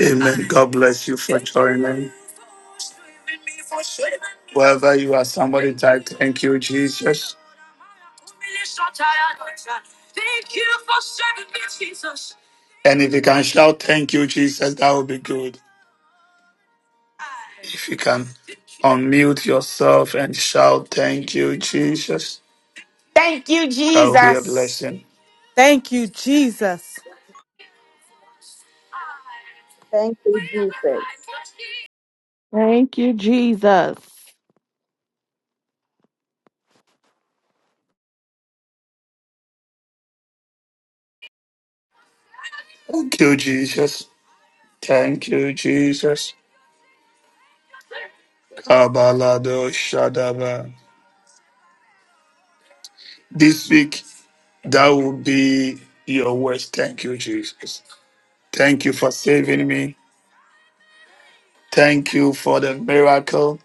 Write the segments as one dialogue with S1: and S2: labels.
S1: Amen. God bless you for joining. Wherever you are, somebody type, Thank you, Jesus. And if you can shout, Thank you, Jesus, that would be good. If you can unmute yourself and shout, Thank you, Jesus,
S2: Thank you,
S1: that would be a
S2: Jesus.
S1: blessing.
S3: Thank you, Jesus.
S4: Thank you, Jesus.
S5: Thank you, Jesus.
S1: Thank you, Jesus. Thank you, Jesus. Kabalado Shadaba. This week That will be your words. Thank you, Jesus. Thank you for saving me. Thank you for the miracle.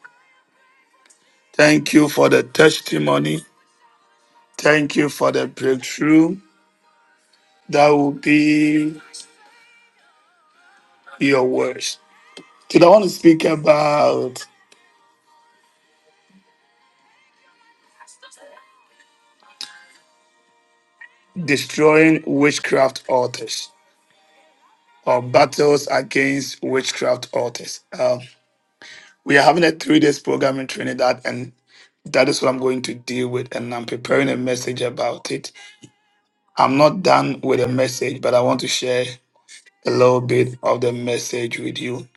S1: Thank you for the testimony. Thank you for the breakthrough. That will be your words. Today, I want to speak about destroying witchcraft altars or battles against witchcraft altars. Um, we are having a three days program in Trinidad, and that is what I'm going to deal with, and I'm preparing a message about it. I'm not done with the message, but I want to share a little bit of the message with you.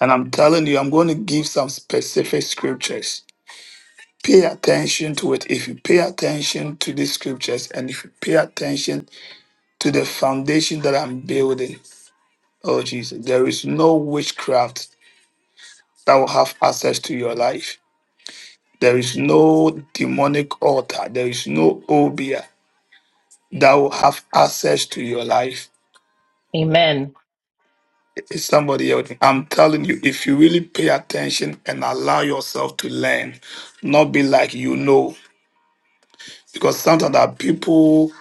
S1: And I'm telling you, I'm going to give some specific scriptures. Pay attention to it. If you pay attention to these scriptures and if you pay attention to the foundation that I'm building, oh Jesus, there is no witchcraft that will have access to your life. There is no demonic altar. There is no obia that will have access to your life
S6: Amen.
S1: Is somebody else? I'm telling you, if you really pay attention and allow yourself to learn, not be like you know, because sometimes that people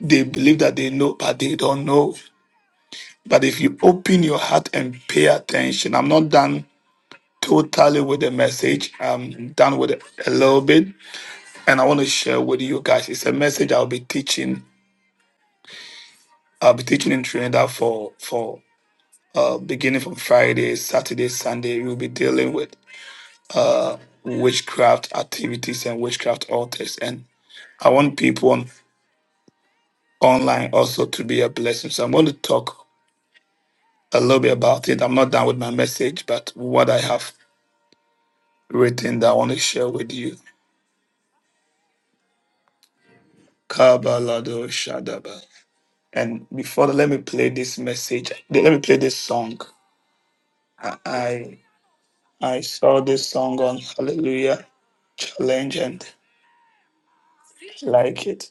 S1: they believe that they know, but they don't know. But if you open your heart and pay attention, I'm not done totally with the message. I'm done with it a little bit, and I want to share with you guys. It's a message I'll be teaching. I'll be teaching in Trinidad for for uh, beginning from Friday, Saturday, Sunday. We'll be dealing with. uh, witchcraft activities and witchcraft altars. And I want people on online also to be a blessing. So I'm going to talk a little bit about it. I'm not done with my message, but what I have written that I want to share with you. Kabalado Shadaba. And before that, let me play this message. Let me play this song. I I I saw this song on Hallelujah Challenge and like it.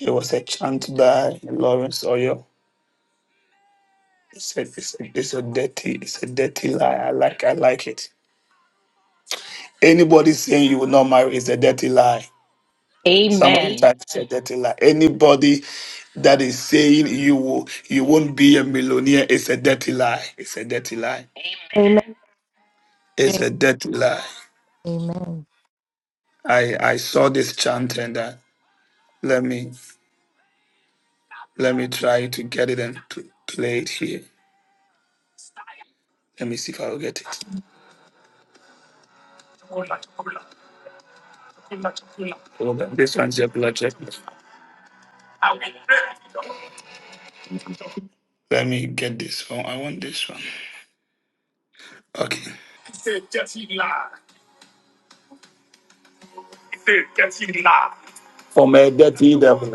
S1: It was a chant by Lawrence Oyo It's a, it's, a, it's a dirty, it's a dirty lie. I like, I like it. Anybody saying you will not marry is a dirty lie. Someone
S6: Amen.
S1: types a dirty lie. Anybody that is saying you will, you won't be a millionaire is a dirty lie. It's a dirty lie.
S7: Amen.
S1: It's a dirty lie.
S7: Amen.
S1: I, I saw this chant and uh, let me, let me try to get it and to play it here. Let me see if I will get it. Hold on. This one's a blood check. Let me get this one. I want this one. Okay. from a dirty devil.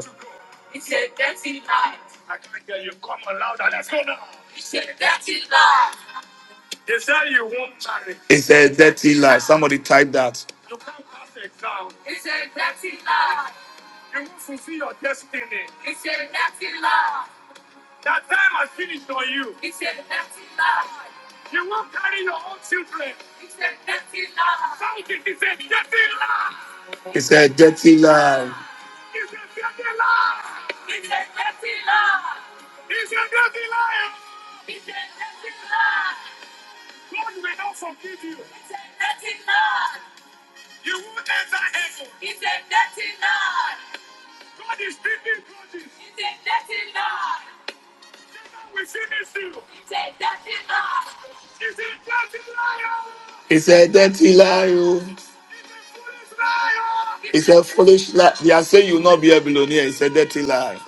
S1: It's a dirty lie. Somebody type that. It's a dirty lie. It's a dirty lie. oh. It's a foolish lie. They are saying you will not be a billionaire. It's a dirty lie.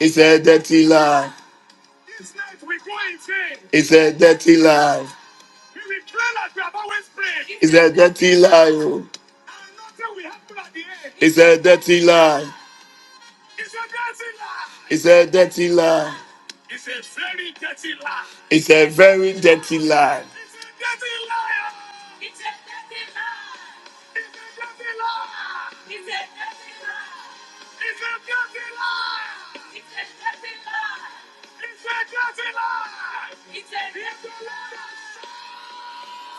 S1: It's a dirty lie. It's a dirty lie. It's a dirty lie. oh. It's a dirty lie. It's a dirty lie. It's a very dirty lie.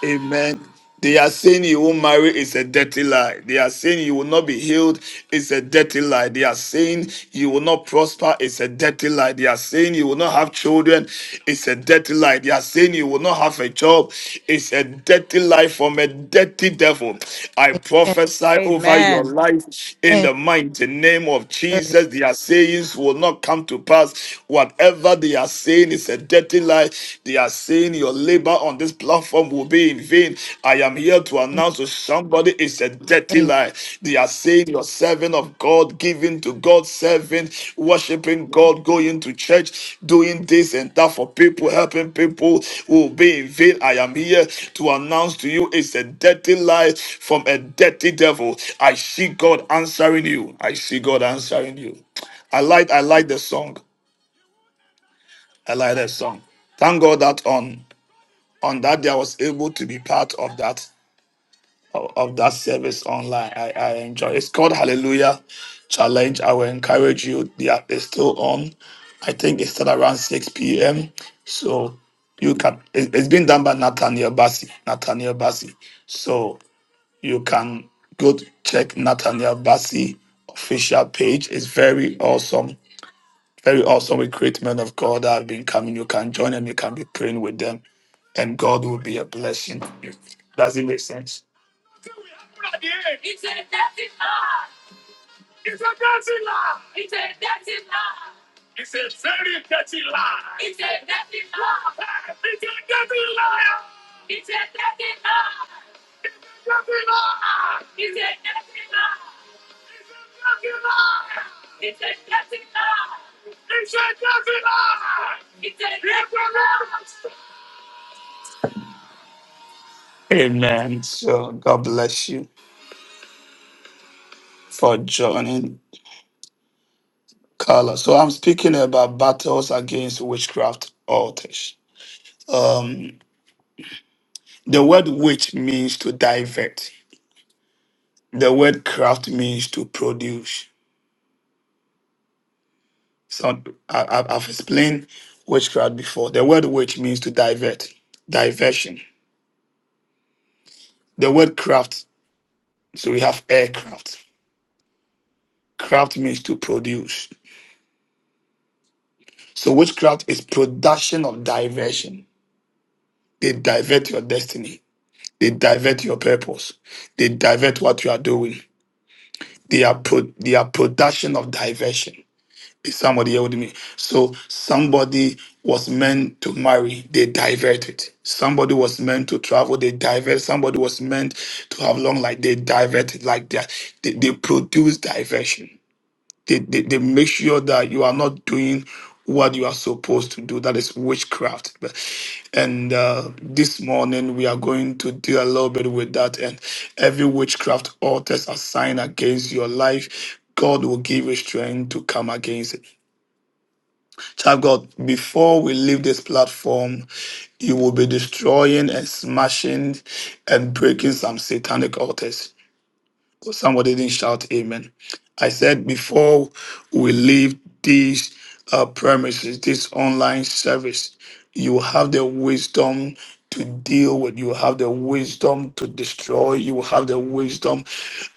S1: Amen. They are saying you won't marry is a dirty lie. They are saying you will not be healed is a dirty lie. They are saying you will not prosper is a dirty lie. They are saying you will not have children is a dirty lie. They are saying you will not have a job is a dirty lie from a dirty devil. I prophesy over your
S3: Amen.
S1: life in
S7: Amen.
S1: the mighty name of
S7: Amen.
S1: Jesus. Their sayings will not come to pass. Whatever they are saying is is a dirty lie. They are saying your labor on this platform will be in vain. I am here to
S7: Word.
S1: announce to somebody it's a dirty lie. They are saying your servant of God, giving to God's servant, worshiping God, going to church, doing this and that for people, helping people will be in vain. I am here to announce to you it's a dirty lie from a dirty devil. I see God answering you. I see God answering you. I like I like the song. I like that song. Thank God that on on that day I was able to be part of that of, of that service online. I, I enjoy. It's called Hallelujah Challenge. I will encourage you. They are it's still on. I think it started around 6 p.m. So you can. It, it's been done by Nathaniel Bassi. Nathaniel Bassi. So you can go to check Nathaniel Bassi official page. It's very awesome very awesome. We great men of God that have been coming. You can join them. You can be praying with them. And God will be a blessing to you. Does it make sense? Amen. So God bless you for joining, Carla. So I'm speaking about battles against witchcraft altars. Um, the word witch means to divert. The word craft means to produce. So I, I- I've explained witchcraft before. The word witch means to divert, diversion. The word craft So we have aircraft. Craft means to produce. So witchcraft is production of diversion. They divert your destiny. They divert your purpose. They divert what you are doing. They are pro- they are production of diversion. Is somebody here with me? So somebody was meant to marry, they diverted. Somebody was meant to travel, they divert. Somebody was meant to have long life, they diverted. Like that, they, they produce diversion. they, they, they make sure that you are not doing what you are supposed to do. That is witchcraft. But- And uh, this morning we are going to deal a little bit with that. And every witchcraft altars assigned against your life, God will give you strength to come against it. Child of God, before we leave this platform, you will be destroying and smashing and breaking some satanic altars. Somebody didn't shout amen. I said before we leave these uh, premises, this online service, you have the wisdom to deal with, you have the wisdom to destroy, you have the wisdom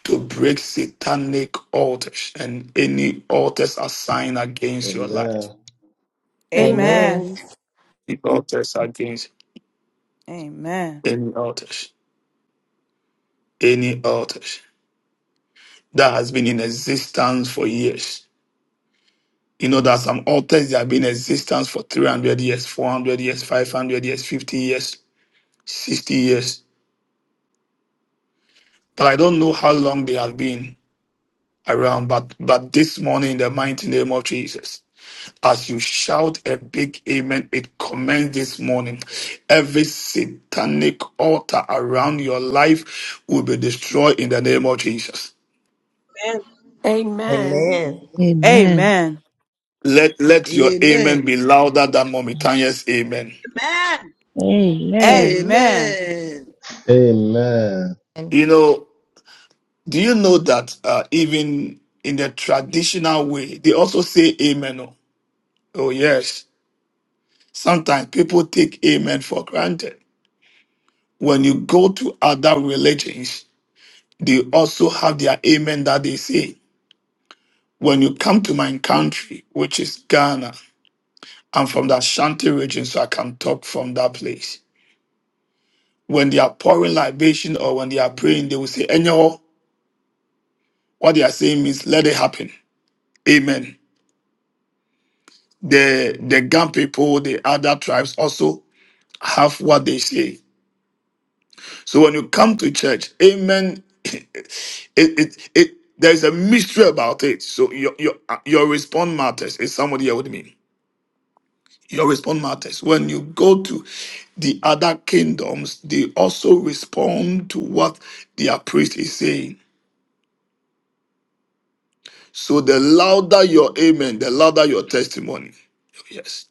S1: to break satanic altars and any altars assigned against your life.
S8: Amen.
S9: Amen.
S3: Amen.
S10: Amen.
S1: The altars against
S3: Amen.
S1: any altars, any altars that has been in existence for years You know that some altars that have been in existence for 300 years, 400 years, 500 years, 50 years, 60 years. But I don't know how long they have been around. But but this morning, in the mighty name of Jesus, as you shout a big amen, it commends this morning. Every satanic altar around your life will be destroyed in the name of Jesus.
S11: Amen.
S10: Amen.
S9: Amen.
S12: Amen.
S3: Amen.
S1: Let let your amen
S13: Amen.
S1: be louder than Mommy Tanya's amen.
S11: Amen.
S12: Amen.
S3: Amen.
S13: Amen.
S8: Amen.
S7: Amen.
S1: You know. Do you know that uh, even in the traditional way, they also say amen? Oh, oh, yes. Sometimes people take amen for granted. When you go to other religions, they also have their amen that they say. When you come to my country, which is Ghana, I'm from the Ashanti region, so I can talk from that place. When they are pouring libation or when they are praying, they will say, Anyhow, what they are saying means let it happen. Amen. the the Gam people, the other tribes also have what they say. So when you come to church, amen. It it it there's a mystery about it. So your your your response matters. Is somebody here with me? Your response matters. When you go to the other kingdoms, they also respond to what their priest is saying. So the louder your amen, the louder your testimony. Yes.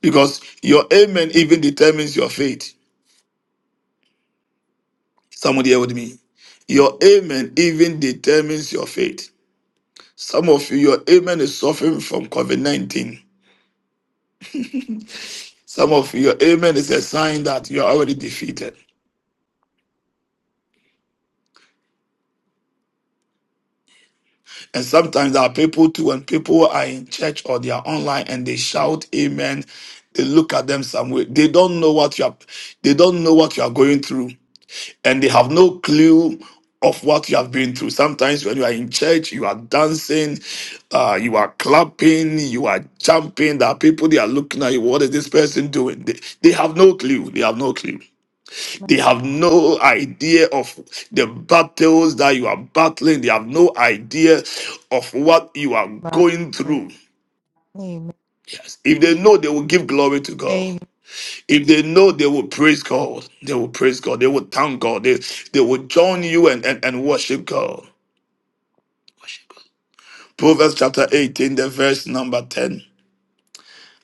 S1: Because your amen even determines your faith. Somebody here with me. Your amen even determines your faith. Some of you, your amen is suffering from COVID 19. Some of you, your amen is a sign that you're already defeated. And sometimes there are people too, when people are in church or they are online and they shout amen, they look at them some way. They don't know what you are, they don't know what you are going through. and they have no clue of what you have been through. Sometimes when you are in church, you are dancing, uh, you are clapping, you are jumping. There are people they are looking at you. What is this person doing? They, they have no clue. They have no clue. They have no idea of the battles that you are battling. They have no idea of what you are
S7: My
S1: going
S7: word.
S1: through.
S7: Amen.
S1: Yes. If they know, they will give glory to God.
S7: Amen.
S1: If they know they will praise God, they will praise God, they will thank God, they, they will join you and, and, and worship God. Worship God. Proverbs chapter 18, the verse number 10.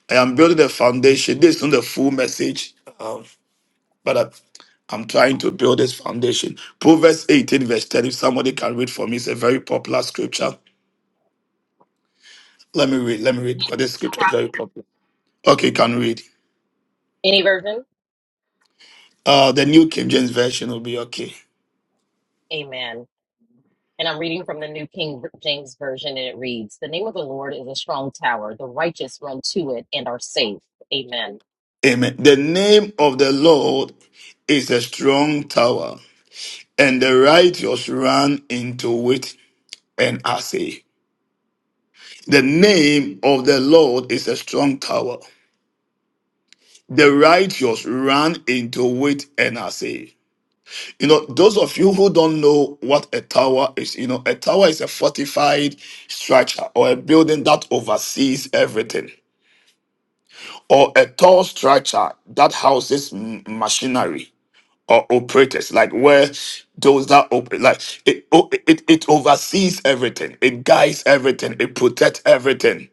S1: I am building a foundation. This is not the full message, um, but I, I'm trying to build this foundation. Proverbs 18, verse 10. If somebody can read for me, it's a very popular scripture. Let me read, let me read, because this scripture is very popular. Okay, can read.
S6: Any version?
S1: Uh, the New King James Version will be okay.
S6: Amen. And I'm reading from the New King James Version, and it reads The name of the Lord is a strong tower. The righteous run to it and are safe. Amen.
S1: Amen. The name of the Lord is a strong tower, and the righteous run into it and are safe. The name of the Lord is a strong tower. The righteous run into it and are safe. You know, those of you who don't know what a tower is, you know, a tower is a fortified structure or a building that oversees everything, or a tall structure that houses m- machinery or operators, like where those that operate, like it, o- it, it oversees everything, it guides everything, it protects everything,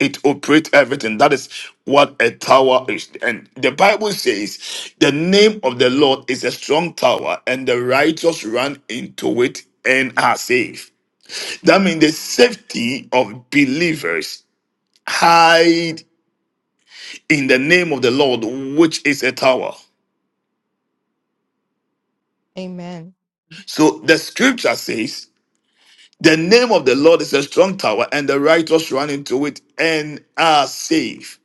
S1: it operates everything. That is what a tower is. And the Bible says, the name of the Lord is a strong tower, and the righteous run into it and are safe. That means the safety of believers hide in the name of the Lord, which is a tower.
S7: Amen.
S1: So the scripture says. The name of the Lord is a strong tower, and the righteous run into it and are safe.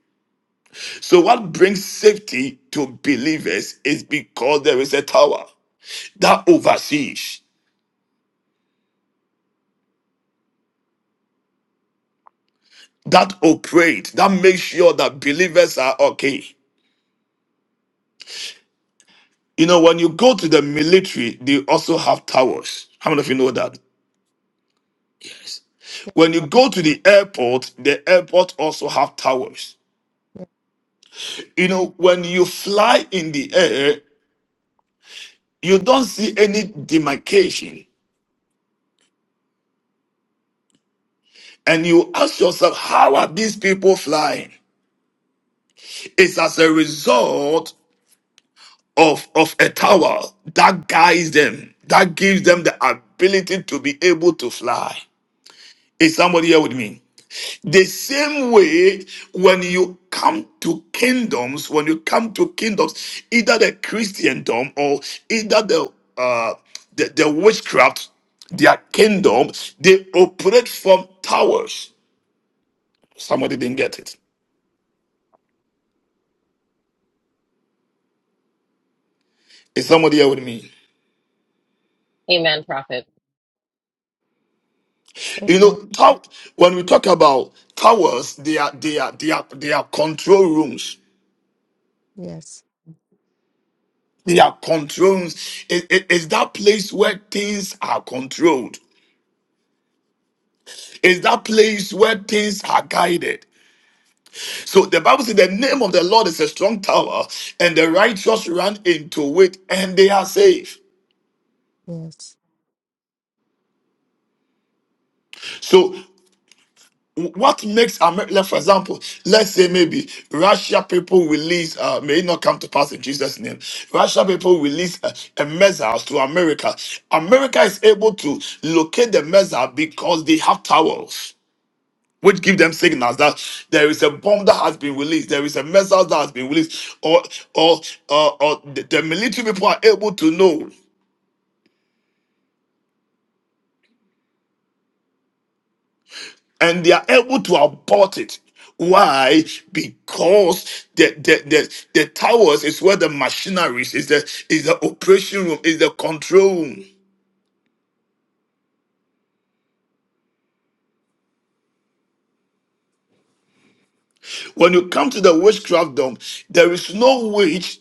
S1: So, what brings safety to believers is because there is a tower that oversees, that operates, that makes sure that believers are okay. You know, when you go to the military, they also have towers. How many of you know that? Yes.
S7: Yes,
S1: When you
S7: Lord.
S1: go to the airport, the airport also have towers.
S7: Yes.
S1: You know, when you fly in the air, you don't see any demarcation. and you ask yourself, how are these people flying? It's as a result of, of a tower that guides them, that gives them the ability to be able to fly. Is somebody here with me? The same way when you come to kingdoms, when you come to kingdoms, either the Christendom or either the uh the, the witchcraft, their kingdom, they operate from towers. Somebody didn't get it. Is somebody here with me?
S6: Amen, prophet.
S1: You
S7: Amen.
S1: know, tow- when we talk about towers, they are they are they are they are control rooms.
S7: Yes.
S1: They are control rooms. It, it- it's that place where things are controlled. It's that place where things are guided. So the Bible says the name of the Lord is a strong tower, and the righteous run into it and they are safe.
S7: Yes.
S1: So what makes America, for example, let's say maybe Russia people release, uh, may it not come to pass in Jesus' name. Russia people release a, a missile to America. America is able to locate the missile because they have towers, which give them signals that there is a bomb that has been released, there is a missile that has been released, or or or, or the, the military people are able to know. and they are able to abort it. Why? Because the the, the, the towers is where the machinery is, is the is the operation room, is the control room. When you come to the witchcraft dome, there is no witch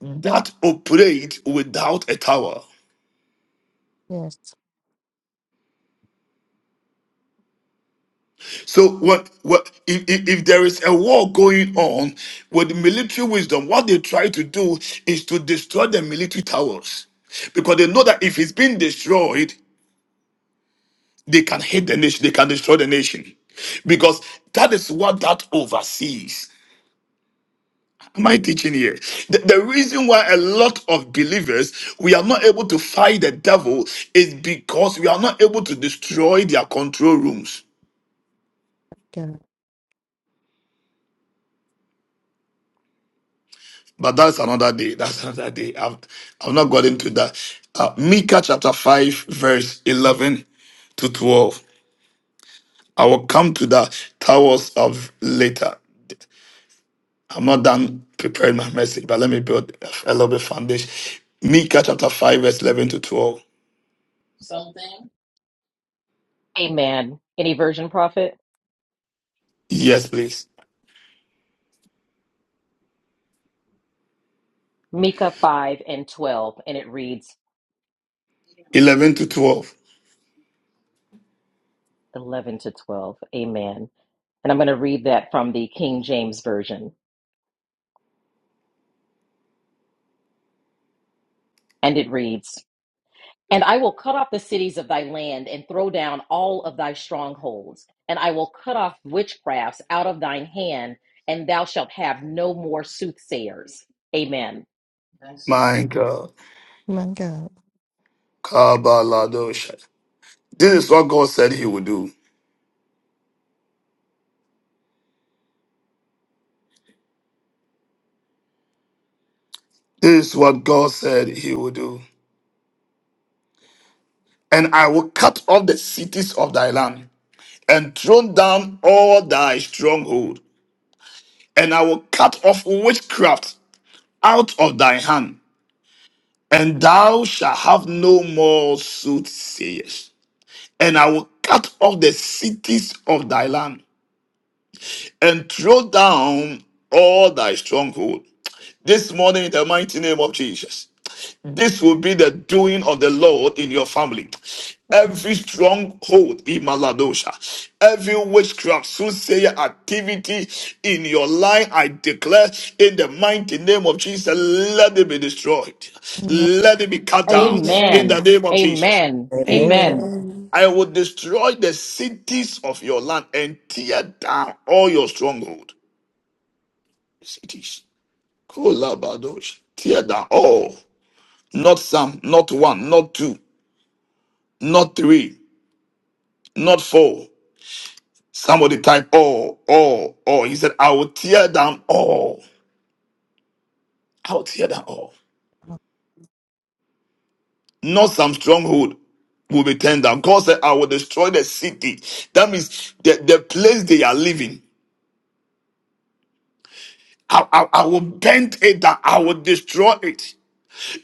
S1: that operate without a tower.
S7: Yes.
S1: So what what if, if, if there is a war going on with military wisdom, what they try to do is to destroy the military towers. Because they know that if it's being destroyed, They can hate the nation, they can destroy the nation. Because that is what that oversees. Am I teaching here? The, the reason why a lot of believers we are not able to fight the devil is because we are not able to destroy their control rooms.
S7: God.
S1: But that's another day. That's another day. I've, I've not got into that. Uh, Micah chapter 5, verse 11 to 12. I will come to that towers of later. I'm not done preparing my message, but let me build a little bit foundation. Micah chapter 5, verse 11 to 12.
S6: Something. Amen. Any version, prophet?
S1: Yes, please.
S6: Micah 5 and 12, and it reads
S1: 11 to 12.
S6: 11 to 12. Amen. And I'm going to read that from the King James Version, and it reads And I will cut off the cities of thy land and throw down all of thy strongholds. And I will cut off witchcrafts out of thine hand, and thou shalt have no more soothsayers. Amen. That's it.
S1: My God.
S7: My God.
S1: Kabaladosha. This is what God said he would do. This is what God said he would do. And I will cut off the cities of thy land and throw down all thy stronghold. And I will cut off witchcraft out of thy hand. And thou shalt have no more soothsayers. and I will cut off the cities of thy land and throw down all thy stronghold. This morning, in the mighty name of Jesus, this will be the doing of the Lord in your family. Every stronghold in Maladosha, every witchcraft, soothsayer activity in your life, I declare in the mighty name of Jesus, let it be destroyed.
S7: Amen.
S1: Let it be cut down in the
S6: Amen.
S10: Amen.
S1: name of Jesus.
S6: Amen.
S10: Amen.
S9: Amen.
S6: Amen.
S10: Amen.
S1: I will destroy the cities of your land and tear down all your stronghold cities. Kolabadosh. Tear down all. Not some, not one, not two, not three, not four. Somebody type all, all, all. He said, I will tear down all. I will tear down all. Not some stronghold will be turned down. God said, I will destroy the city. That means the, the place they are living. I, I, I will bend it down. I will destroy it.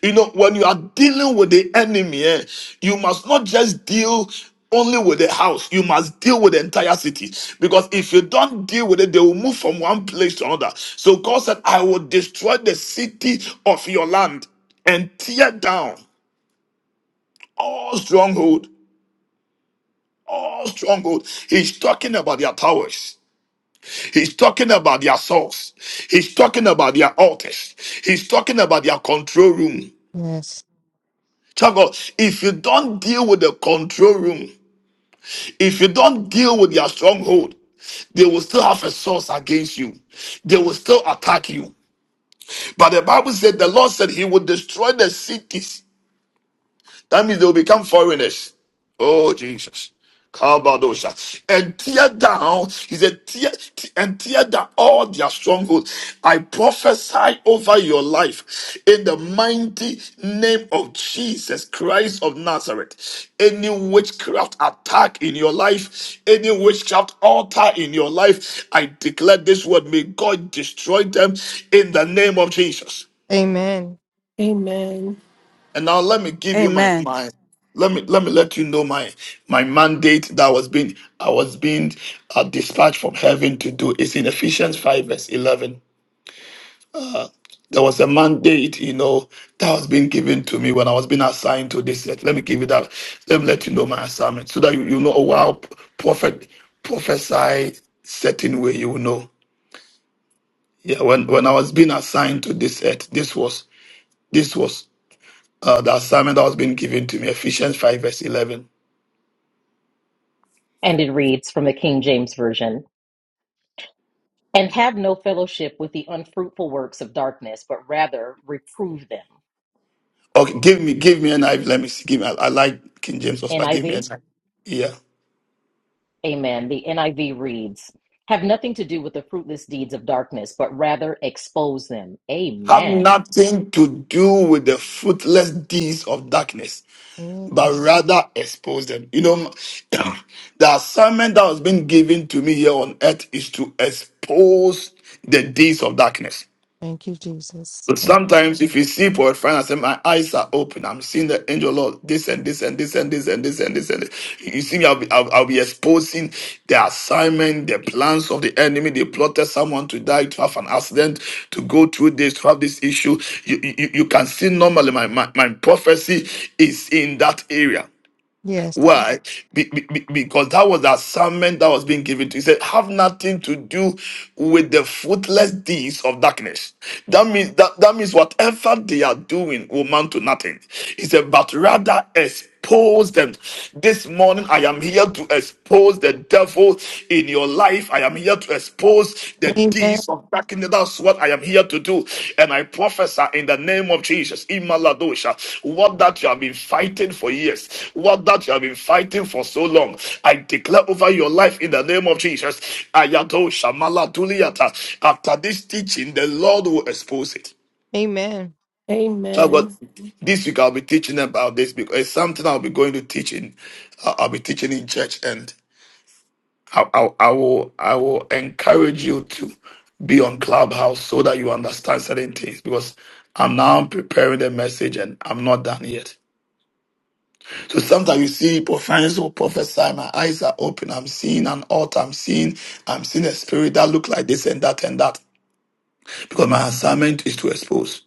S1: You know, when you are dealing with the enemy, eh, you must not just deal only with the house, you must deal with the entire city. Because if you don't deal with it, they will move from one place to another. So God said, I will destroy the city of your land and tear down all stronghold, all stronghold. He's talking about their towers. He's talking about their source. He's talking about their altars. He's talking about their control room.
S7: Yes.
S1: Child of God, if you don't deal with the control room, if you don't deal with their stronghold, they will still have a source against you. They will still attack you. But the Bible said the Lord said he would destroy the cities that means they will become foreigners. Oh Jesus. Calvados. And tear down, he said, tear, and tear down all their strongholds. I prophesy over your life in the mighty name of Jesus Christ of Nazareth. Any witchcraft attack in your life, any witchcraft altar in your life, I declare this word, may God destroy them in the name of Jesus.
S7: Amen.
S10: Amen.
S1: And now let me give you my
S3: Amen.
S1: my let me let me let you know my my mandate that was being I was being uh, dispatched from heaven to do It's in Ephesians five verse eleven. There was a mandate, you know, that was being given to me when I was being assigned to this. Let let me give you that. Let me let you know my assignment so that you, you know. Oh wow, prophet, prophesy certain way. You know. Yeah. When when I was being assigned to this earth, this was this was uh, the assignment that was being given to me. Ephesians five verse eleven.
S6: And it reads from the King James Version And have no fellowship with the unfruitful works of darkness, but rather reprove them.
S1: Okay, give me give me an IV. Let me see. Give me. I, I like King James also, but give me
S6: NIV.
S1: an IV. Yeah.
S6: Amen. The NIV reads, have nothing to do with the fruitless deeds of darkness, but rather expose them.
S1: Have
S6: Amen.
S1: nothing to do with the fruitless deeds of darkness,
S7: Amen.
S1: but rather expose them. You know, the assignment that has been given to me here on earth is to expose the deeds of darkness.
S7: Thank you, Jesus.
S1: So
S7: Amen.
S1: sometimes if you see for a friend, I say, My eyes are open. I'm seeing the angel of Lord, this and this and this and this and this and this and this. You see, me, I'll be, I'll, I'll be exposing the assignment, the plans of the enemy. They plotted someone to die, to have an accident, to go through this, to have this issue. You, you, you can see normally my, my, my prophecy is in that area.
S7: Yes.
S1: Why? Be- be- be- because that was the assignment that was being given to. you. He said, "Have nothing to do with the fruitless deeds of darkness." That means that that means whatever they are doing will amount to nothing. He said, "But rather expose them." This morning, I am here to expose the devil in your life. I am. I'm here to expose the
S7: Amen.
S1: deeds of darkness. That's what I am here to do. And I prophesy in the name of Jesus, Imaladosha, what that you have been fighting for years, what that you have been fighting for so long. I declare over your life in the name of Jesus, Ayadosha, Maladuliata. After this teaching, the Lord will expose it.
S7: Amen.
S1: So God,
S10: Amen.
S1: this week I'll be teaching about this because it's something I'll be going to teach in. uh, I'll be teaching in church, and. I, I, I will I will encourage you to be on Clubhouse so that you understand certain things because I'm now preparing the message and I'm not done yet. So sometimes you see prophets will prophesy, my eyes are open, I'm seeing an altar, I'm seeing I'm seeing a spirit that look like this and that and that. Because my assignment is to expose.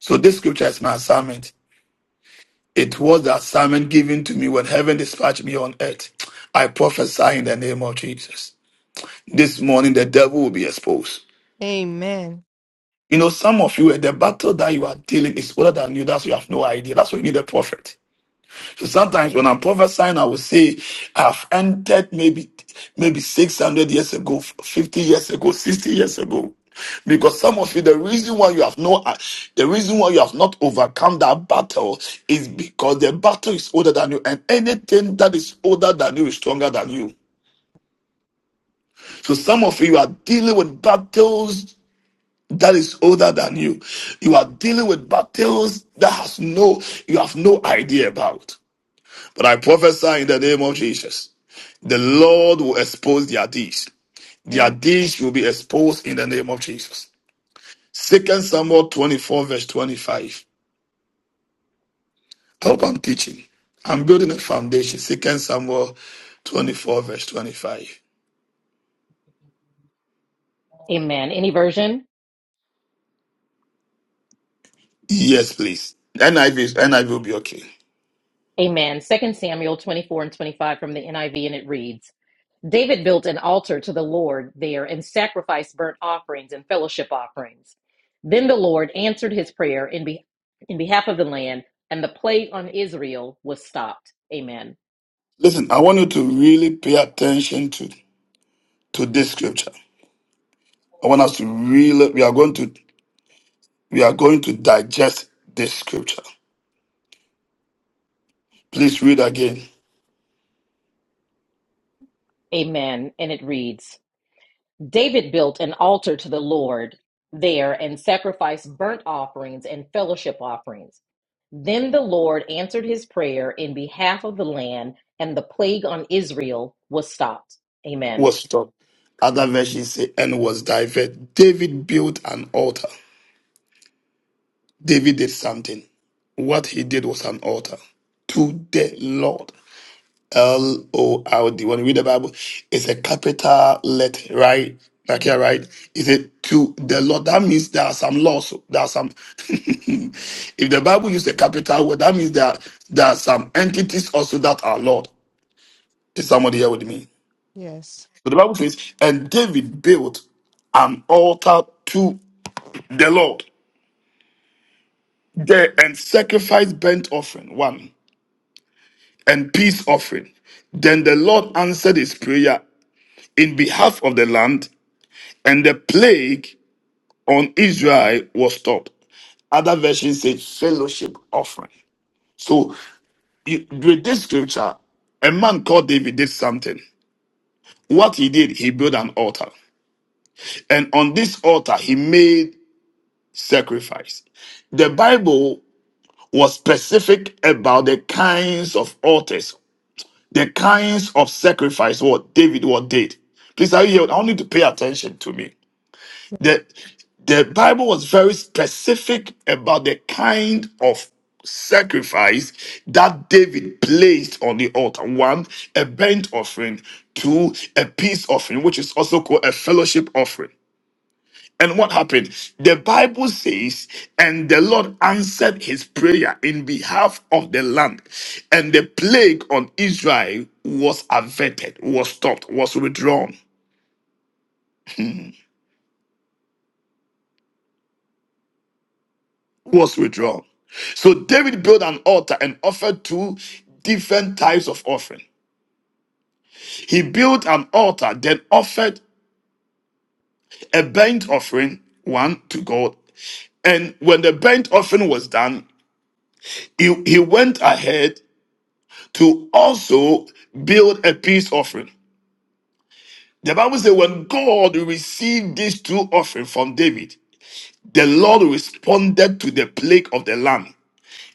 S1: So this scripture is my assignment. It was the assignment given to me when heaven dispatched me on earth. I prophesy in the name of Jesus. This morning the devil will be exposed.
S7: Amen.
S1: You know, some of you, eh, the battle that you are dealing is older than you. That's why you have no idea. That's why you need a prophet. So sometimes when I'm prophesying, I will say, I've entered maybe maybe 600 years ago, 50 years ago, 60 years ago. Because some of you, the reason why you have no, uh, the reason why you have not overcome that battle is because the battle is older than you, and anything that is older than you is stronger than you. So some of you are dealing with battles that is older than you. You are dealing with battles that has no you have no idea about. But I prophesy in the name of Jesus. The Lord will expose their deeds. Their
S7: Amen.
S1: deeds will be exposed in the name of Jesus. Second Samuel 24, verse 25. I hope I'm teaching. I'm building a foundation. Second Samuel 24, verse 25.
S6: Amen. Any version?
S1: Yes, please. NIV is NIV will be okay.
S6: Amen. Second Samuel 24 and 25 from the NIV, and it reads, David built an altar to the Lord there and sacrificed burnt offerings and fellowship offerings. Then the Lord answered his prayer in, be- in behalf of the land, and the plague on Israel was stopped. Amen.
S1: Listen, I want you to really pay attention to, to this scripture. I want us to really we are going to we are going to digest this scripture. Please read again.
S6: Amen. And it reads, David built an altar to the Lord there and sacrificed burnt offerings and fellowship offerings. Then the Lord answered his prayer in behalf of the land, and the plague on Israel was stopped. Amen.
S1: Was stopped. Other versions say, and was diverted. David built an altar. David did something. What he did was an altar to the Lord. L O R D. When you read the Bible, it's a capital letter, right? Like here, right? Is it to the Lord? That means there are some laws. There are some. if the Bible uses a capital word, that means that there are some entities also that are Lord. Is somebody here with me?
S7: Yes.
S1: So the Bible says, and David built an altar to the Lord there and sacrificed burnt offering, one, and peace offering. Then the Lord answered his prayer in behalf of the land and the plague on Israel was stopped. Other versions say fellowship offering. So you- with this scripture, a man called David did something. What he did, he built an altar. And on this altar, he made sacrifice. The Bible was specific about the kinds of altars, the kinds of sacrifice what David what did. Please, are you here? I want you to pay attention to me.
S7: Yes.
S1: The, the Bible was very specific about the kind of sacrifice that David placed on the altar. One, a burnt offering. Two, a peace offering, which is also called a fellowship offering. And what happened? The Bible says, and the Lord answered his prayer in behalf of the land, and the plague on Israel was averted, was stopped, was withdrawn. was withdrawn. So David built an altar and offered two different types of offering. He built an altar, then offered a burnt offering, one to God. And when the burnt offering was done, he, he went ahead to also build a peace offering. The Bible says when God received these two offerings from David, the Lord responded to the plague of the land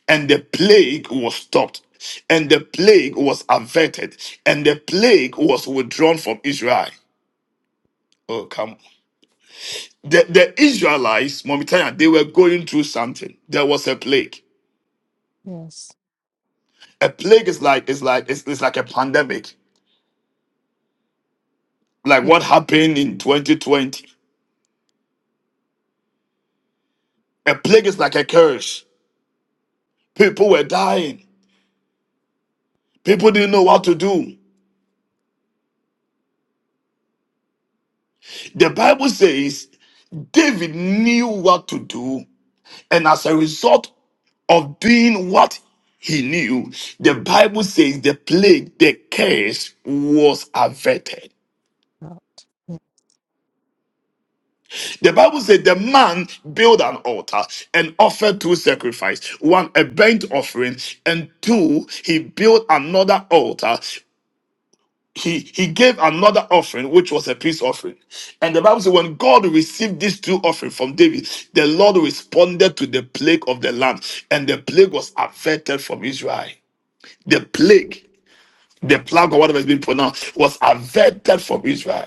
S1: and the plague was stopped and the plague was averted and the plague was withdrawn from israel oh come on. the, the israelites mommy Tanya, they were going through something there was a plague
S7: Yes.
S1: a plague is like it's like it's, it's like a pandemic like
S7: Yes.
S1: what happened in 2020 a plague is like a curse people were dying people didn't know what to do the bible says David knew what to do, and as a result of doing what he knew, the Bible says the plague, the curse was averted.
S7: Yes,
S1: The Bible said the man built an altar and offered two sacrifices one, a burnt offering, and two, he built another altar. He, he gave another offering, which was a peace offering. And the Bible says, when God received these two offerings from David, the Lord responded to the plague of the land, and the plague was averted from Israel. The plague The plague or whatever has been pronounced was averted from Israel,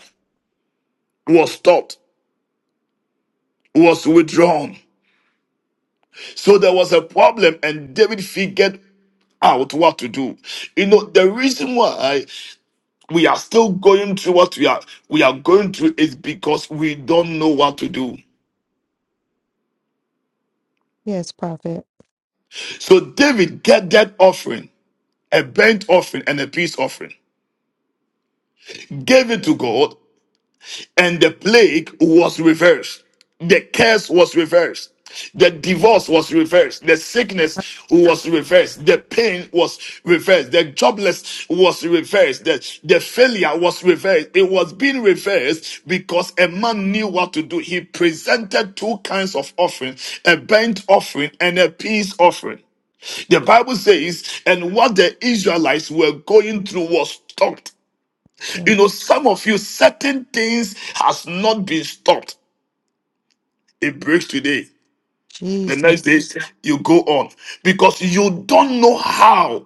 S1: was stopped, was withdrawn. So there was a problem, and David figured out what to do. You know, the reason why we are still going through what we are we are going through is because we don't know what to do.
S7: Yes, prophet.
S1: So David get that offering, a burnt offering and a peace offering, gave it to God, and the plague was reversed. The curse was reversed. The divorce was reversed. The sickness was reversed. The pain was reversed. The jobless was reversed. The, the failure was reversed. It was being reversed because a man knew what to do. He presented two kinds of offering, a burnt offering and a peace offering. The Bible says, and what the Israelites were going through was stopped
S7: To
S1: you know, some of you, certain things has not been stopped. It breaks today. The
S7: Jesus.
S1: next day, you go on because you don't know how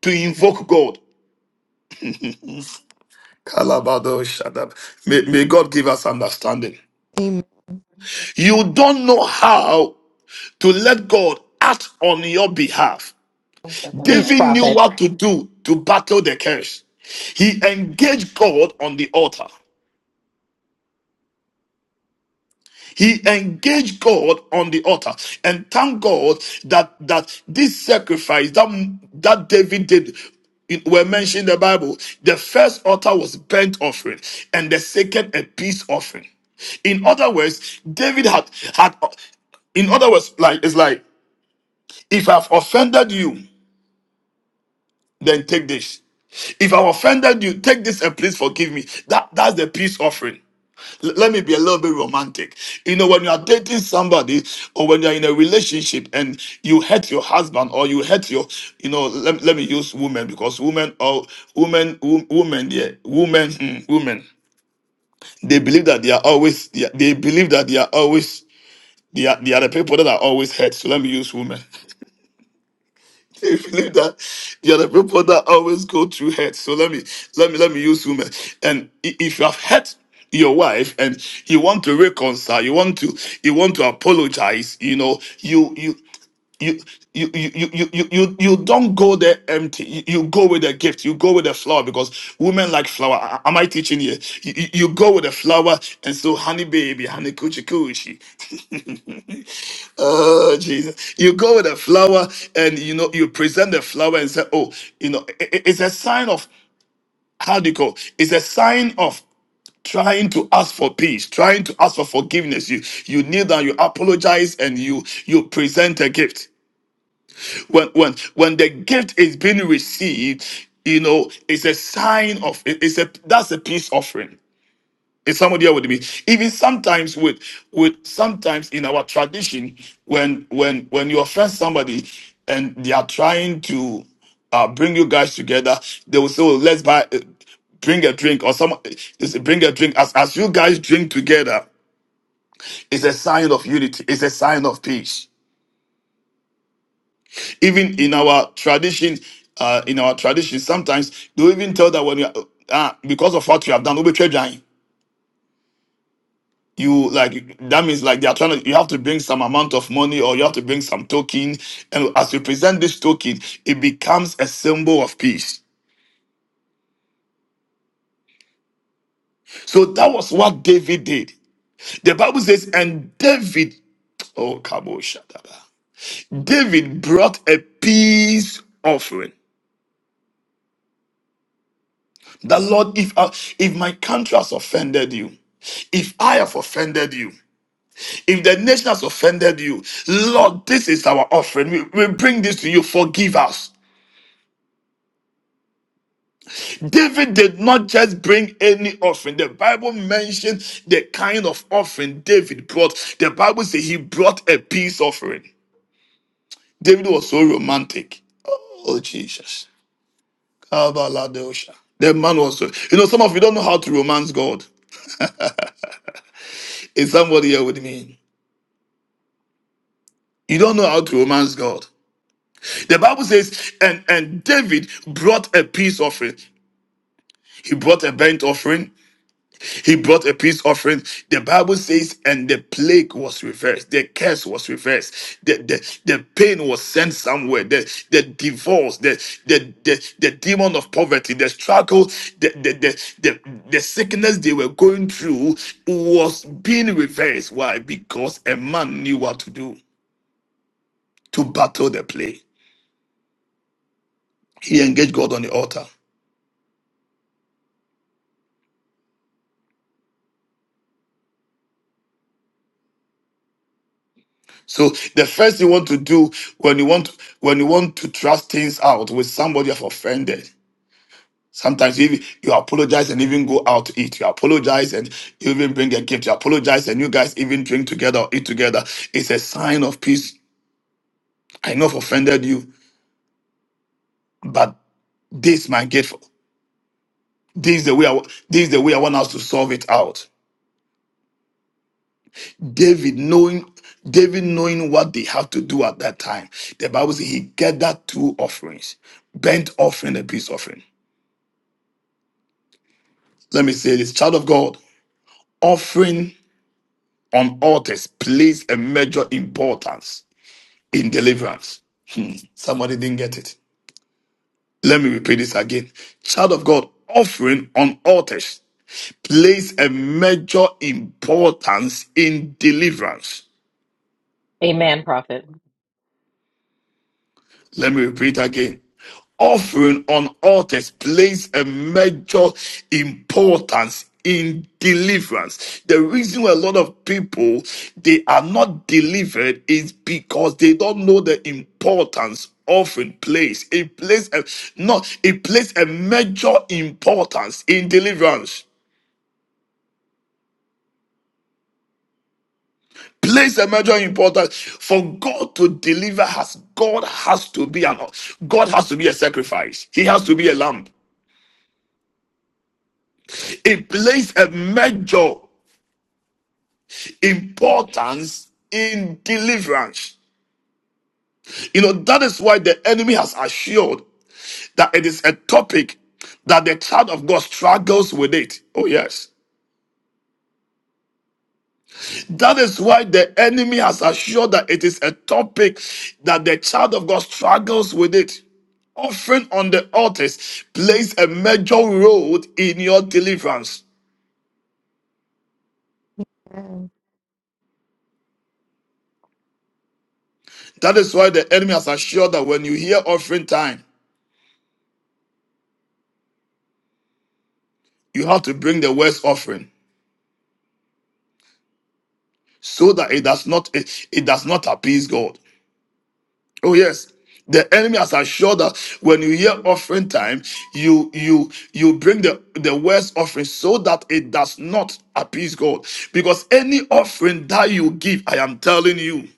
S1: to invoke God. Kalabado, shut up. May, may God give us understanding. You don't know how to let God act on your behalf.
S6: Amen. Each
S1: David knew
S6: prophet.
S1: what to do to battle the curse. He engaged God on the altar. He engaged God on the altar and thank God that that this sacrifice that that David did it were mentioned in the Bible. The first altar was burnt offering, and the second a peace offering. In other words, David had had. In other words, like it's like if I've offended you, then take this. If I've offended you, take this and please forgive me. That that's the peace offering. L- let me be a little bit romantic. You know, when you are dating somebody or when you're in a relationship and you hurt your husband or you hurt your, you know, let, let me use women because women or women, wo- women, yeah, women, mm, women, they believe that they are always, they, are- they believe that they are always, they are, they are the people that are always hurt. So let me use women. If you believe that there are the people that always go through hurt. So let me let me let me use women. And i- if you have hurt your wife and you want to reconcile, you want to you want to apologize, you know, you you you you you you you you you don't go there empty. You, you go with a gift. You go with a flower because women like flower. A- Am I teaching here? You, you you go with a flower and so honey baby, honey coochie coochie. Oh Jesus! You go with a flower, and you know you present the flower and say, "Oh, you know, i- i- it's a sign of how do you call? It's a sign of trying to ask for peace, trying to ask for forgiveness. You you kneel down, you apologize, and you you present a gift. When when when the gift is being received, you know, it's a sign of it- it's a that's a peace offering. Is somebody here with me? Even sometimes with with sometimes in our tradition, when when when you offend somebody and they are trying to uh, bring you guys together, they will say, oh, "Let's buy, uh, bring a drink," or some they say, bring a drink. As as you guys drink together, it's a sign of unity. It's a sign of peace. Even in our tradition, uh, in our tradition, sometimes they will even tell that when you are, uh, "Ah, because of what you have done, we will be trying. you like that means like they are trying to you have to bring some amount of money or you have to bring some token and as you present this token it becomes a symbol of peace so that was what david did the bible says and david oh Kabo Shadaba. david brought a peace offering that lord if I, if my country has offended you if I have offended you, if the nation has offended you, Lord, this is our offering. We, we bring this to you. Forgive us. David did not just bring any offering. The Bible mentions the kind of offering David brought. The Bible says he brought a peace offering. David was so romantic. Oh, Jesus. Kabaladosha. The man was so. You know, some of you don't know how to romance God. Is somebody here with me? You don't know how to romance God. The Bible says, and, and David brought a peace offering. He brought a burnt offering. He brought a peace offering. The Bible says, and the plague was reversed. The curse was reversed. The, the, the pain was sent somewhere. The, the divorce, the, the, the, the demon of poverty, the struggle, the, the, the, the, the sickness they were going through was being reversed. Why? Because a man knew what to do to battle the plague. He engaged God on the altar. So the first you want to do when you want when you want to trust things out with somebody you have offended Sometimes you even you apologize and even go out to eat. You apologize and you even bring a gift. You apologize and you guys even drink together or eat together. It's a sign of peace. I know I've offended you, but this is my gift. This is the way I wa- this is the way I want us to solve it out. David knowing David knowing what they have to do at that time. The Bible says he gathered two offerings, burnt offering and peace offering. Let me say this, child of God, offering on altars plays a major importance in deliverance. Hmm, Somebody didn't get it. Let me repeat this again. Child of God, offering on altars plays a major importance in deliverance.
S6: Amen, prophet.
S1: Let me repeat again. Offering on altars plays a major importance in deliverance. The reason why a lot of people they are not delivered is because they don't know the importance offering plays. It plays a not it plays a major importance in deliverance place a major importance for God to deliver us. God has to be an God has to be a sacrifice. He has to be a lamb. It plays a major importance in deliverance. You know, that is why the enemy has assured that it is a topic that the child of God struggles with it. Oh, yes. That is why the enemy has assured that it is a topic that the child of God struggles with it offering on the altars plays a major role in your deliverance.
S7: Amen.
S1: That is why the enemy has assured that when you hear offering time, you have to bring the worst offering. so that it does not it, it does not appease God. Oh yes. The enemy has assured that when you hear offering time, you you you bring the the worst offering so that it does not appease God. Because any offering that you give, I am telling you,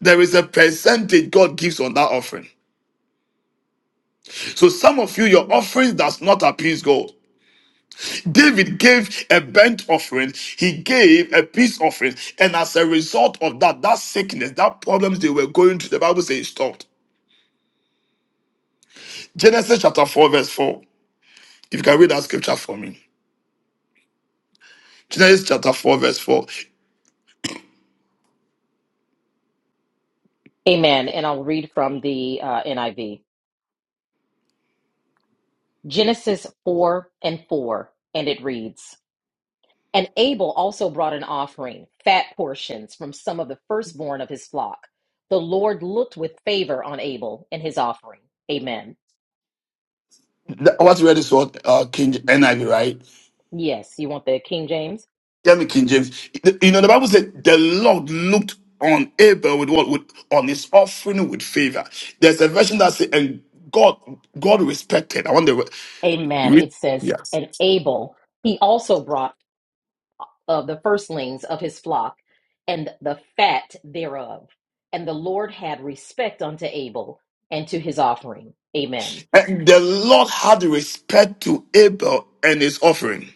S1: there is a percentage God gives on that offering. So some of you, your offering does not appease God. David gave a burnt offering, he gave a peace offering, and as a result of that, that sickness, that problems they were going through, the Bible says it stopped. Genesis chapter 4, verse 4. If you can read that scripture for me. Genesis chapter 4, verse 4.
S6: Amen. And I'll read from the uh, NIV Genesis 4 and 4, and it reads. And Abel also brought an offering, fat portions from some of the firstborn of his flock. The Lord looked with favor on Abel and his offering. Amen.
S1: Th- What we read is what uh, King NIV, right?
S6: Yes, you want the King James?
S1: Yeah, me, King James. You know, the Bible said the Lord looked on Abel with what? With, on his offering with favor. There's a version that says, and God, God respected. I want to
S6: Amen.
S1: read.
S6: It says,
S1: Yes.
S6: and Abel, he also brought of the firstlings of his flock and the fat thereof. And the Lord had respect unto Abel and to his offering. Amen.
S1: And the Lord had respect to Abel and his offering.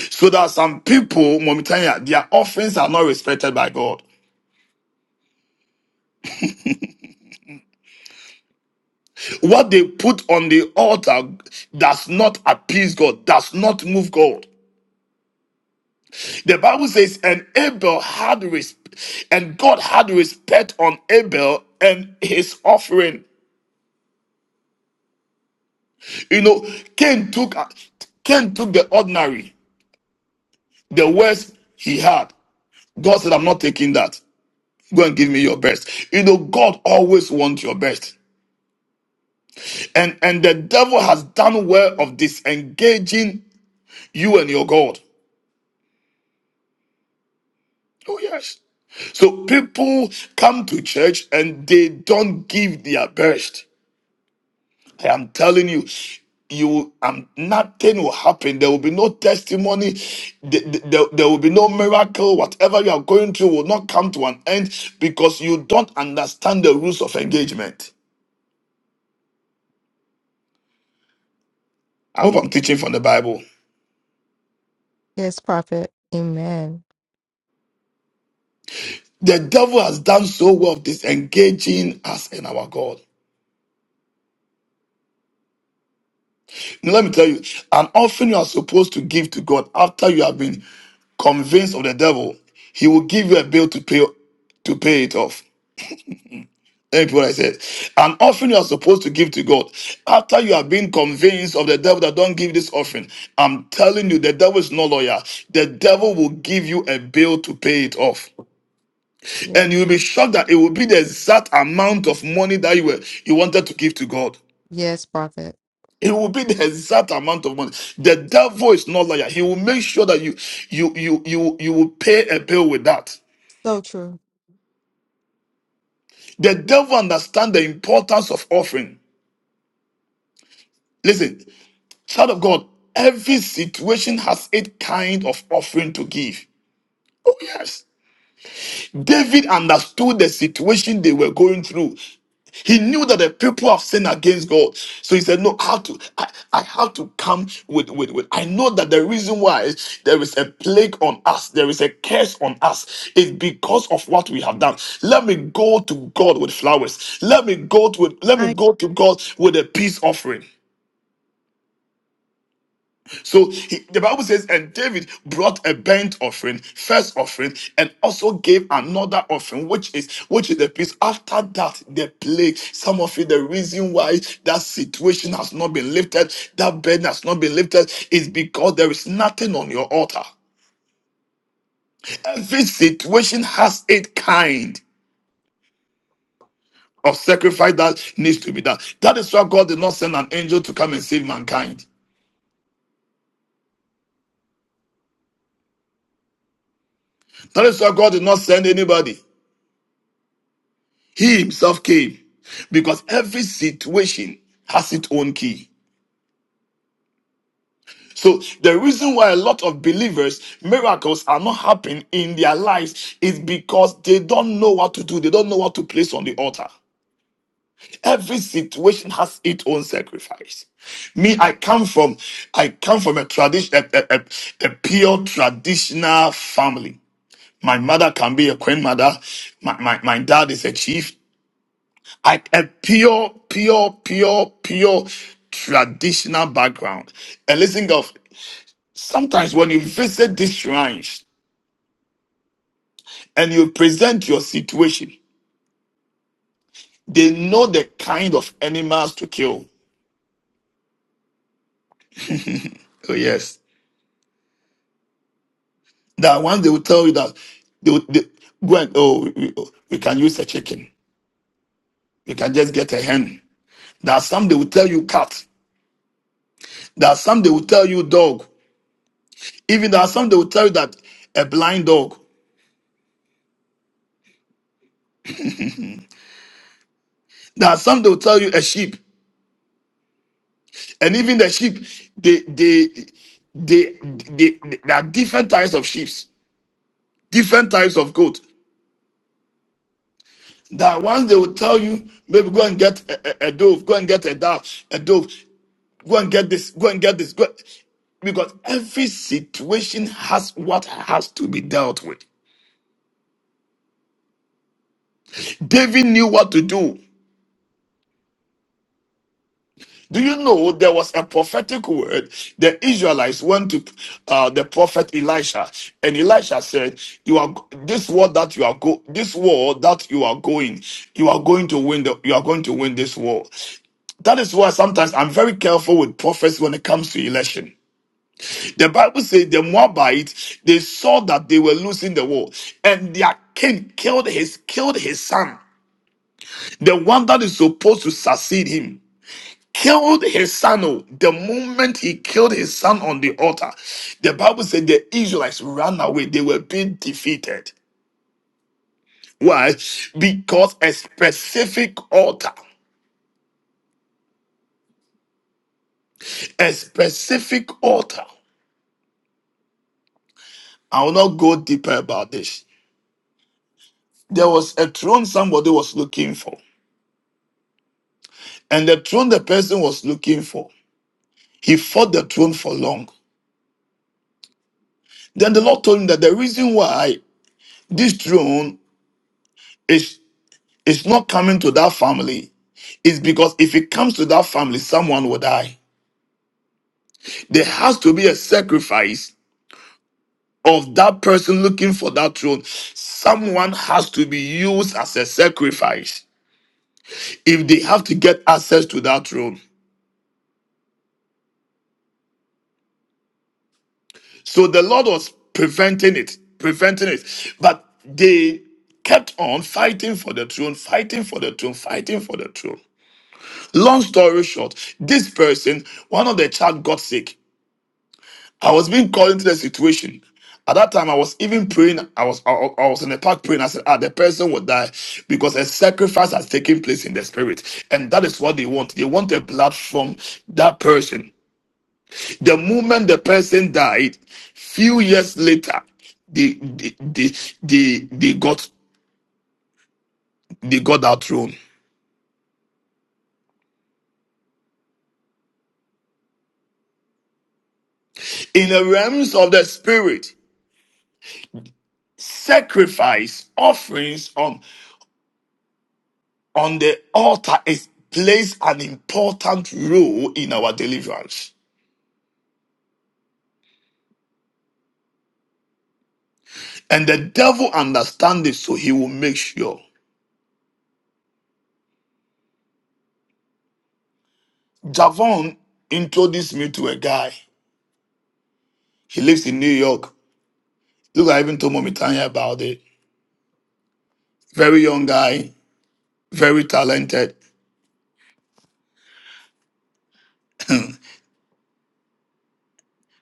S1: So that some people, momentarily, their offerings are not respected by God. What they put on the altar does not appease God, does not move God. The Bible says, and Abel had respect, and God had respect on Abel and his offering. You know, Cain took uh, Cain took the ordinary, the worst he had. God said, I'm not taking that. Go and give me your best. You know, God always wants your best. And and the devil has done well of disengaging you and your God. Oh yes. So people come to church and they don't give their best. I am telling you, you um nothing will happen. There will be no testimony. Th- th- There, there will be no miracle. Whatever you are going through will not come to an end because you don't understand the rules of engagement. I hope I'm teaching from the Bible.
S7: Yes, prophet. Amen.
S1: The devil has done so well of disengaging us and our God. Now, let me tell you, an offering you are supposed to give to God after you have been convinced of the devil, he will give you a bill to pay to pay it off. Let me put what I said. An offering you are supposed to give to God after you have been convinced of the devil that don't give this offering. I'm telling you, the devil is no lawyer. The devil will give you a bill to pay it off.
S7: Yes,
S1: And you'll be shocked that it will be the exact amount of money that you were you wanted to give to God.
S7: yes, prophet.
S1: It will be the exact amount of money. The devil is not liar. He will make sure that you you you you you will pay a bill with that.
S7: So true.
S1: The devil understands the importance of offering. Listen, child of God, every situation has its kind of offering to give. Oh yes. David understood the situation they were going through. He knew that the people have sinned against God. So he said, No, I have to, I, I have to come with, with, with. I know that the reason why there is a plague on us, there is a curse on us, is because of what we have done. Let me go to God with flowers. Let me go to let me
S7: My
S1: go to God with a peace offering. So he- the Bible says, and David brought a burnt offering, first offering, and also gave another offering, which is which is the peace. After that, the plague. Some of you, the reason why that situation has not been lifted, that burden has not been lifted, is because there is nothing on your altar. Every situation has its kind of sacrifice that needs to be done. That is why God did not send an angel to come and save mankind. That is why God did not send anybody. He himself came because every situation has its own key. So the reason why a lot of believers miracles are not happening in their lives is because they don't know what to do. They don't know what to place on the altar. Every situation has its own sacrifice. Me, I come from, I come from a tradition, a, a, a a pure traditional family. My mother can be a queen mother. My, my, my dad is a chief. I, a pure, pure, pure, pure traditional background. And listen, God, sometimes when you visit these shrines and you present your situation, they know the kind of animals to kill. Oh, yes. That one, they will tell you that they, will- they go and, oh, we, we can use a chicken. You can just get a hen. There are some they will tell you cat. There are some they will tell you dog. Even there are some they will tell you that a blind dog. There are some they will tell you a sheep. and even the sheep they they they, they, they- there are different types of sheep different types of goat that once they will tell you maybe go and get a, a- a dove go and get a dove a dove go and get this go and get this go because every situation has what has to be dealt with david knew what to do Do you know there was a prophetic word? The Israelites went to uh, the prophet Elisha, and Elisha said, "You are this war that you are go, this war that you are going, you are going to win. The, you are going to win this war." That is why sometimes I'm very careful with prophets when it comes to election. The Bible says the Moabites they saw that they were losing the war, and their king killed his killed his son, the one that is supposed to succeed him killed his son. oh. The moment he killed his son on the altar, the Bible said the Israelites ran away. They were being defeated. Why? Because a specific altar, a specific altar. I will not go deeper about this. There was a throne somebody was looking for, and the throne the person was looking for, he fought the throne for long. Then the Lord told him that the reason why this throne is It's not coming to that family. It's because if it comes to that family, someone will die. There has to be a sacrifice of that person looking for that throne. Someone has to be used as a sacrifice if they have to get access to that throne. So the Lord was preventing it, preventing it. But they kept on fighting for the throne, fighting for the throne, fighting for the throne. Long story short, this person, one of the child got sick I was being called into the situation. At that time, I was even praying. I was I, I was in the park praying. I said, "Ah, the person will die because a sacrifice has taken place in the spirit, and that is what they want. They want a blood from that person. The moment the person died, few years later, they they they they, they got they got that throne in the realms of the spirit. Sacrifice offerings on. on the altar is plays an important role in our deliverance. And the devil understands this, so he will make sure. Javon introduced me to a guy. He lives in New York. Look, I even told Mommy Tanya about it. Very young guy, very talented.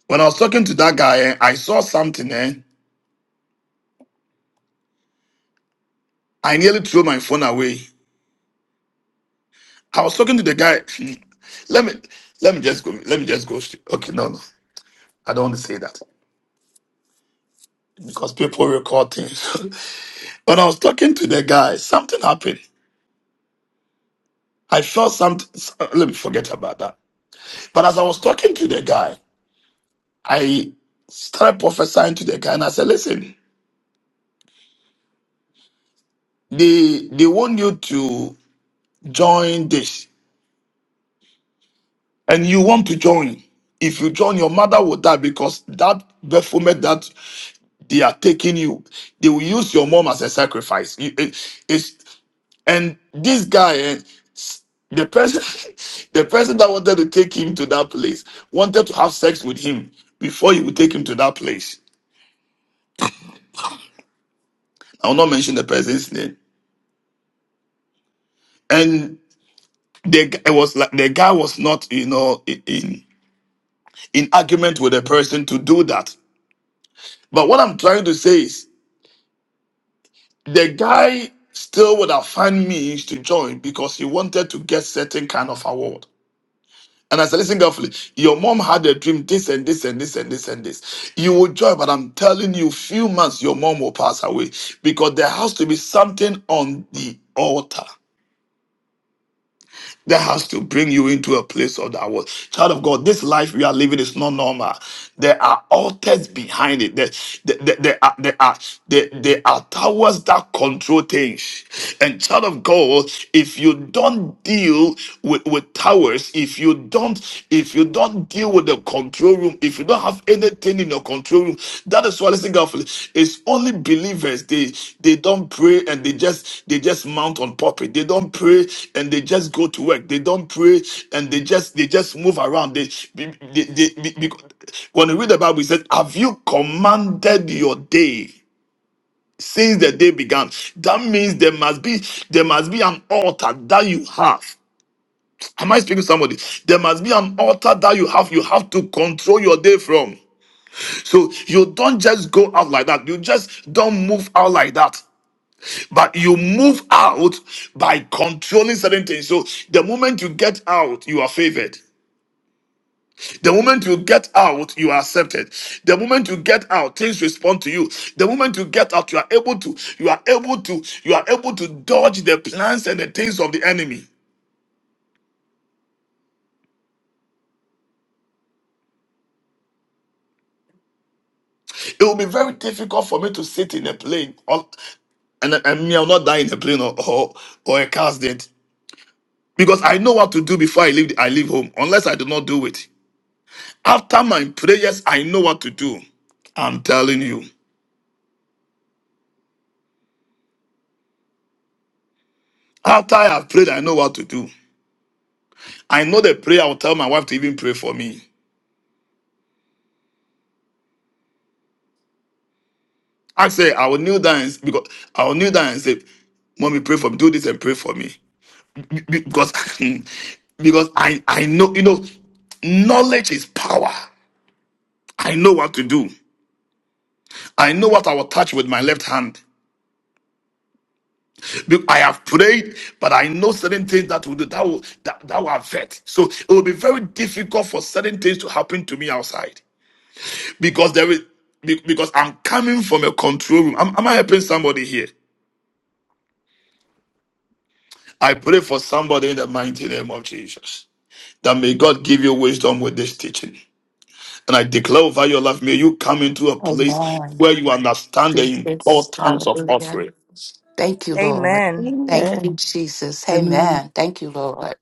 S1: When I was talking to that guy, eh, I saw something, eh? I nearly threw my phone away. I was talking to the guy. Let me let me just go. Let me just go straight. Okay, no, no. I don't want to say that because people record things. When I was talking to the guy, something happened. I felt something. Let me forget about that. But as I was talking to the guy, I started prophesying to the guy, and I said, "Listen, they they want you to join this, and you want to join. If you join, your mother will die because that baphomet that they are taking you, they will use your mom as a sacrifice. You- it- It's And this guy, eh, the person, the person that wanted to take him to that place, wanted to have sex with him before he would take him to that place. I will not mention the person's name. And the g- it was like the guy was not, you know, i- in in argument with the person to do that. But what I'm trying to say is, the guy still would have found means to join because he wanted to get certain kind of award. And I said, listen carefully. Your mom had a dream, this and this and this and this and this. You will joy, but I'm telling you, few months your mom will pass away because there has to be something on the altar that has to bring you into a place of that world. Child of God, this life we are living is not normal. There are altars behind it. There, there, there, there are, there, are, there, there are towers that control things. And child of God, if you don't deal with, with towers, if you don't, if you don't deal with the control control room, if you don't have anything in your control room, that is why listen carefully. It's only believers. They they don't pray and they just they just mount on puppet. They don't pray and they just go to work. They don't pray and they just they just move around. They, they, they, they- because- when you read the Bible, it says, "Have you commanded your day?" since the day began. That means there must be there must be an altar that you have. Am I speaking to somebody? There must be an altar that you have. You have to control your day from. So you don't just go out like that. You just don't move out like that. But you move out by controlling certain things. So the moment you get out, you are favored. The moment you get out, you are accepted. The moment you get out, things respond to you. The moment you get out, you are able to, you are able to, you are able to dodge the plans and the things of the enemy. It will be very difficult for me to sit in a plane or and, and me, i will not die in a plane or, or, or a car accident. because I know what to do before I leave I leave home unless I do not do it. After my prayers, I know what to do. I'm telling you. After I have prayed, I know what to do. I know the prayer I will tell my wife to even pray for me. I say I will kneel down and, because I will kneel down and say, "Mommy, pray for me. Do this and pray for me." Be- be- Because because I I know you know knowledge is power. I know what to do. I know what I will touch with my left hand. Be- I have prayed, but I know certain things that will do that will that, that will affect. So it will be very difficult for certain things to happen to me outside because there is be- because I'm coming from a control room. Am am I helping somebody here? I pray for somebody in the mighty name of Jesus that may God give you wisdom with this teaching. And I declare over your life, may you come into a place
S14: Amen.
S1: where you understand the
S14: Jesus.
S1: importance of
S14: Hallelujah.
S1: offering.
S14: Thank you, Lord.
S15: Amen.
S14: Thank you, Jesus.
S16: Amen.
S14: Amen. Thank you, Lord.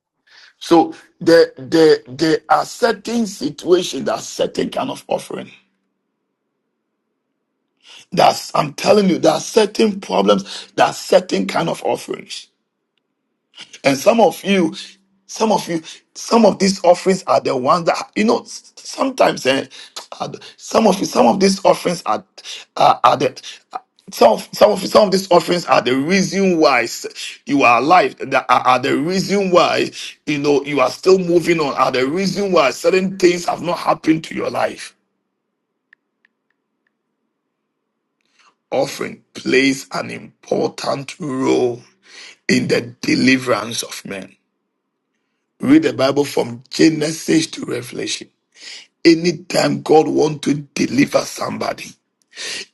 S1: So there, there, there are certain situations that are certain kind of offering. That's I'm telling you, there are certain problems, there are certain kind of offerings. And some of you, some of you, some of these offerings are the ones that you know s- sometimes eh, are the- some of you, some of these offerings are are, are the some of, some of you, some of these offerings are the reason why s- you are alive. That are, are the reason why you know you are still moving on. Are the reason why certain things have not happened to your life. Offering plays an important role. in the deliverance of men. Read the Bible from Genesis to Revelation. Anytime God wants to deliver somebody,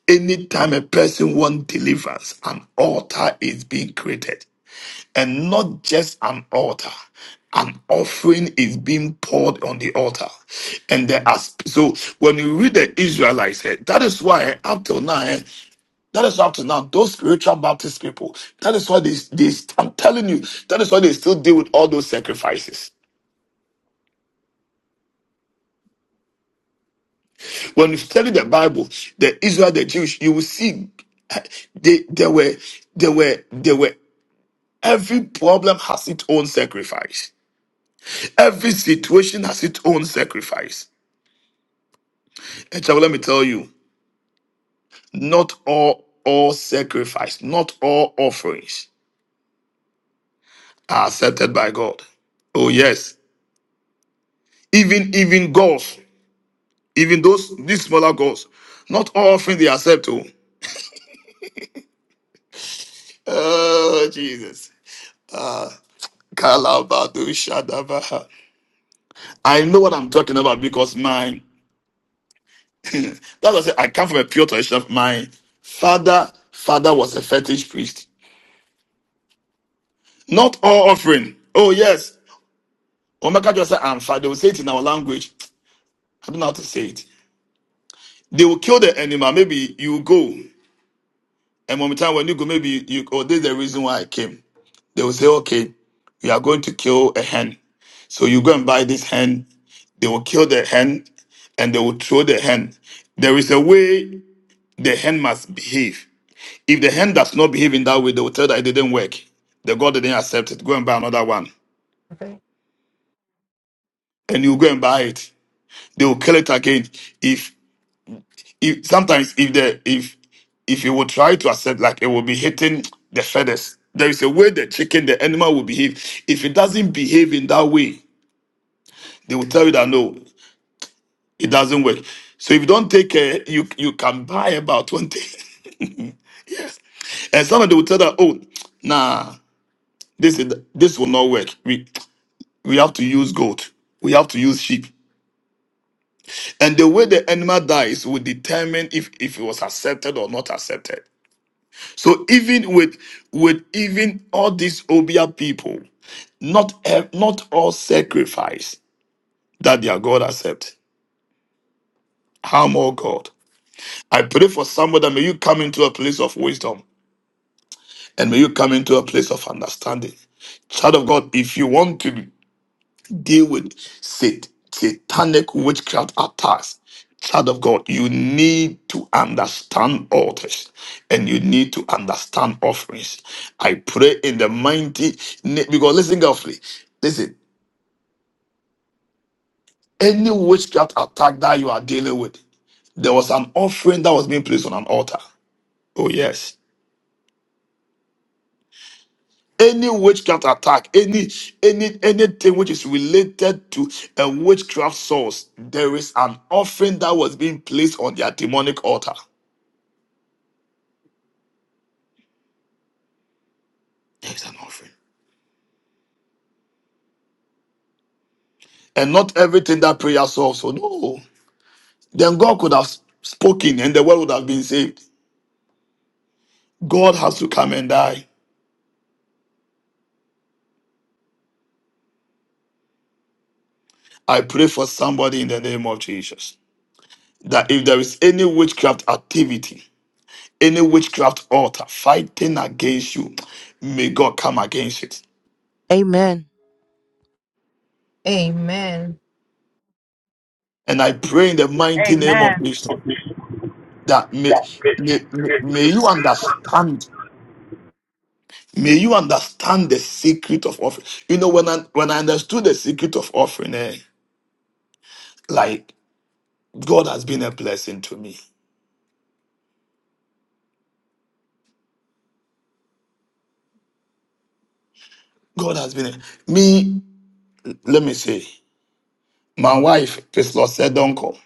S1: anytime a person wants deliverance, an altar is being created. And not just an altar, an offering is being poured on the altar. And there are, so when you read the Israelites, eh, that is why eh, up till now, eh, that is up to now. Those spiritual Baptist people, that is why they, they, I'm telling you, that is why they still deal with all those sacrifices. When you study the Bible, the Israel, the Jewish, you will see eh, they, they were, they were, they were, every problem has its own sacrifice. Every situation has its own sacrifice. And child, let me tell you, not all, all sacrifice, not all offerings are accepted by God. Oh yes, even, even God. Even those these smaller gods, not all things they accept. Oh, oh Jesus. Ah, Kalabadu Shadabaha. I know what I'm talking about because my that was I I come from a pure tradition. My father, father was a fetish priest. Not all offering. Oh yes. Omaka just said I'm father. They will say it in our language. I don't know how to say it. They will kill the animal. Maybe you will go. And one time when you go, maybe you oh, this is the reason why I came. They will say, okay, we are going to kill a hen. So you go and buy this hen. They will kill the hen and they will throw the hen. There is a way the hen must behave. If the hen does not behave in that way, they will tell that it didn't work. The God didn't accept it. Go and buy another one.
S7: God.
S1: And you go and buy it. They will kill it again. If if sometimes if the if if you will try to accept, like it will be hitting the feathers. There is a way the chicken, the animal will behave. If it doesn't behave in that way, They will tell you that no, it doesn't work. So if you don't take care, you you can buy about 20. yes. And some of them will tell that, oh, nah, this is this will not work. We we have to use goat. We have to use sheep. And the way the animal dies will determine if, if it was accepted or not accepted. So even with with even all these Obia people, not ev- not all sacrifice that their God accept. How more God? I pray for somebody that may you come into a place of wisdom and may you come into a place of understanding. Child of God, if you want to deal with sat- satanic witchcraft attacks, child of God, you need to understand altars and you need to understand offerings. I pray in the mighty name, because listen carefully, listen, any witchcraft attack that you are dealing with, there was an offering that was being placed on an altar. Oh, yes. any witchcraft attack, any any anything which is related to a witchcraft source, there is an offering that was being placed on their demonic altar. There is an offering. And not everything that prayer solves. So no. Then God could have spoken and the world would have been saved. God has to come and die. I pray for somebody in the name of Jesus. That if there is any witchcraft activity, any witchcraft altar fighting against you, may God come against it.
S15: Amen.
S7: Amen.
S1: And I pray in the mighty name
S3: Amen.
S1: of Jesus that may, may, may you understand. May you understand the secret of offering. You know, when I when I understood the secret of offering, eh, like God has been a blessing to me. God has been a, me. Let me say, my wife, Priscilla said, "Uncle,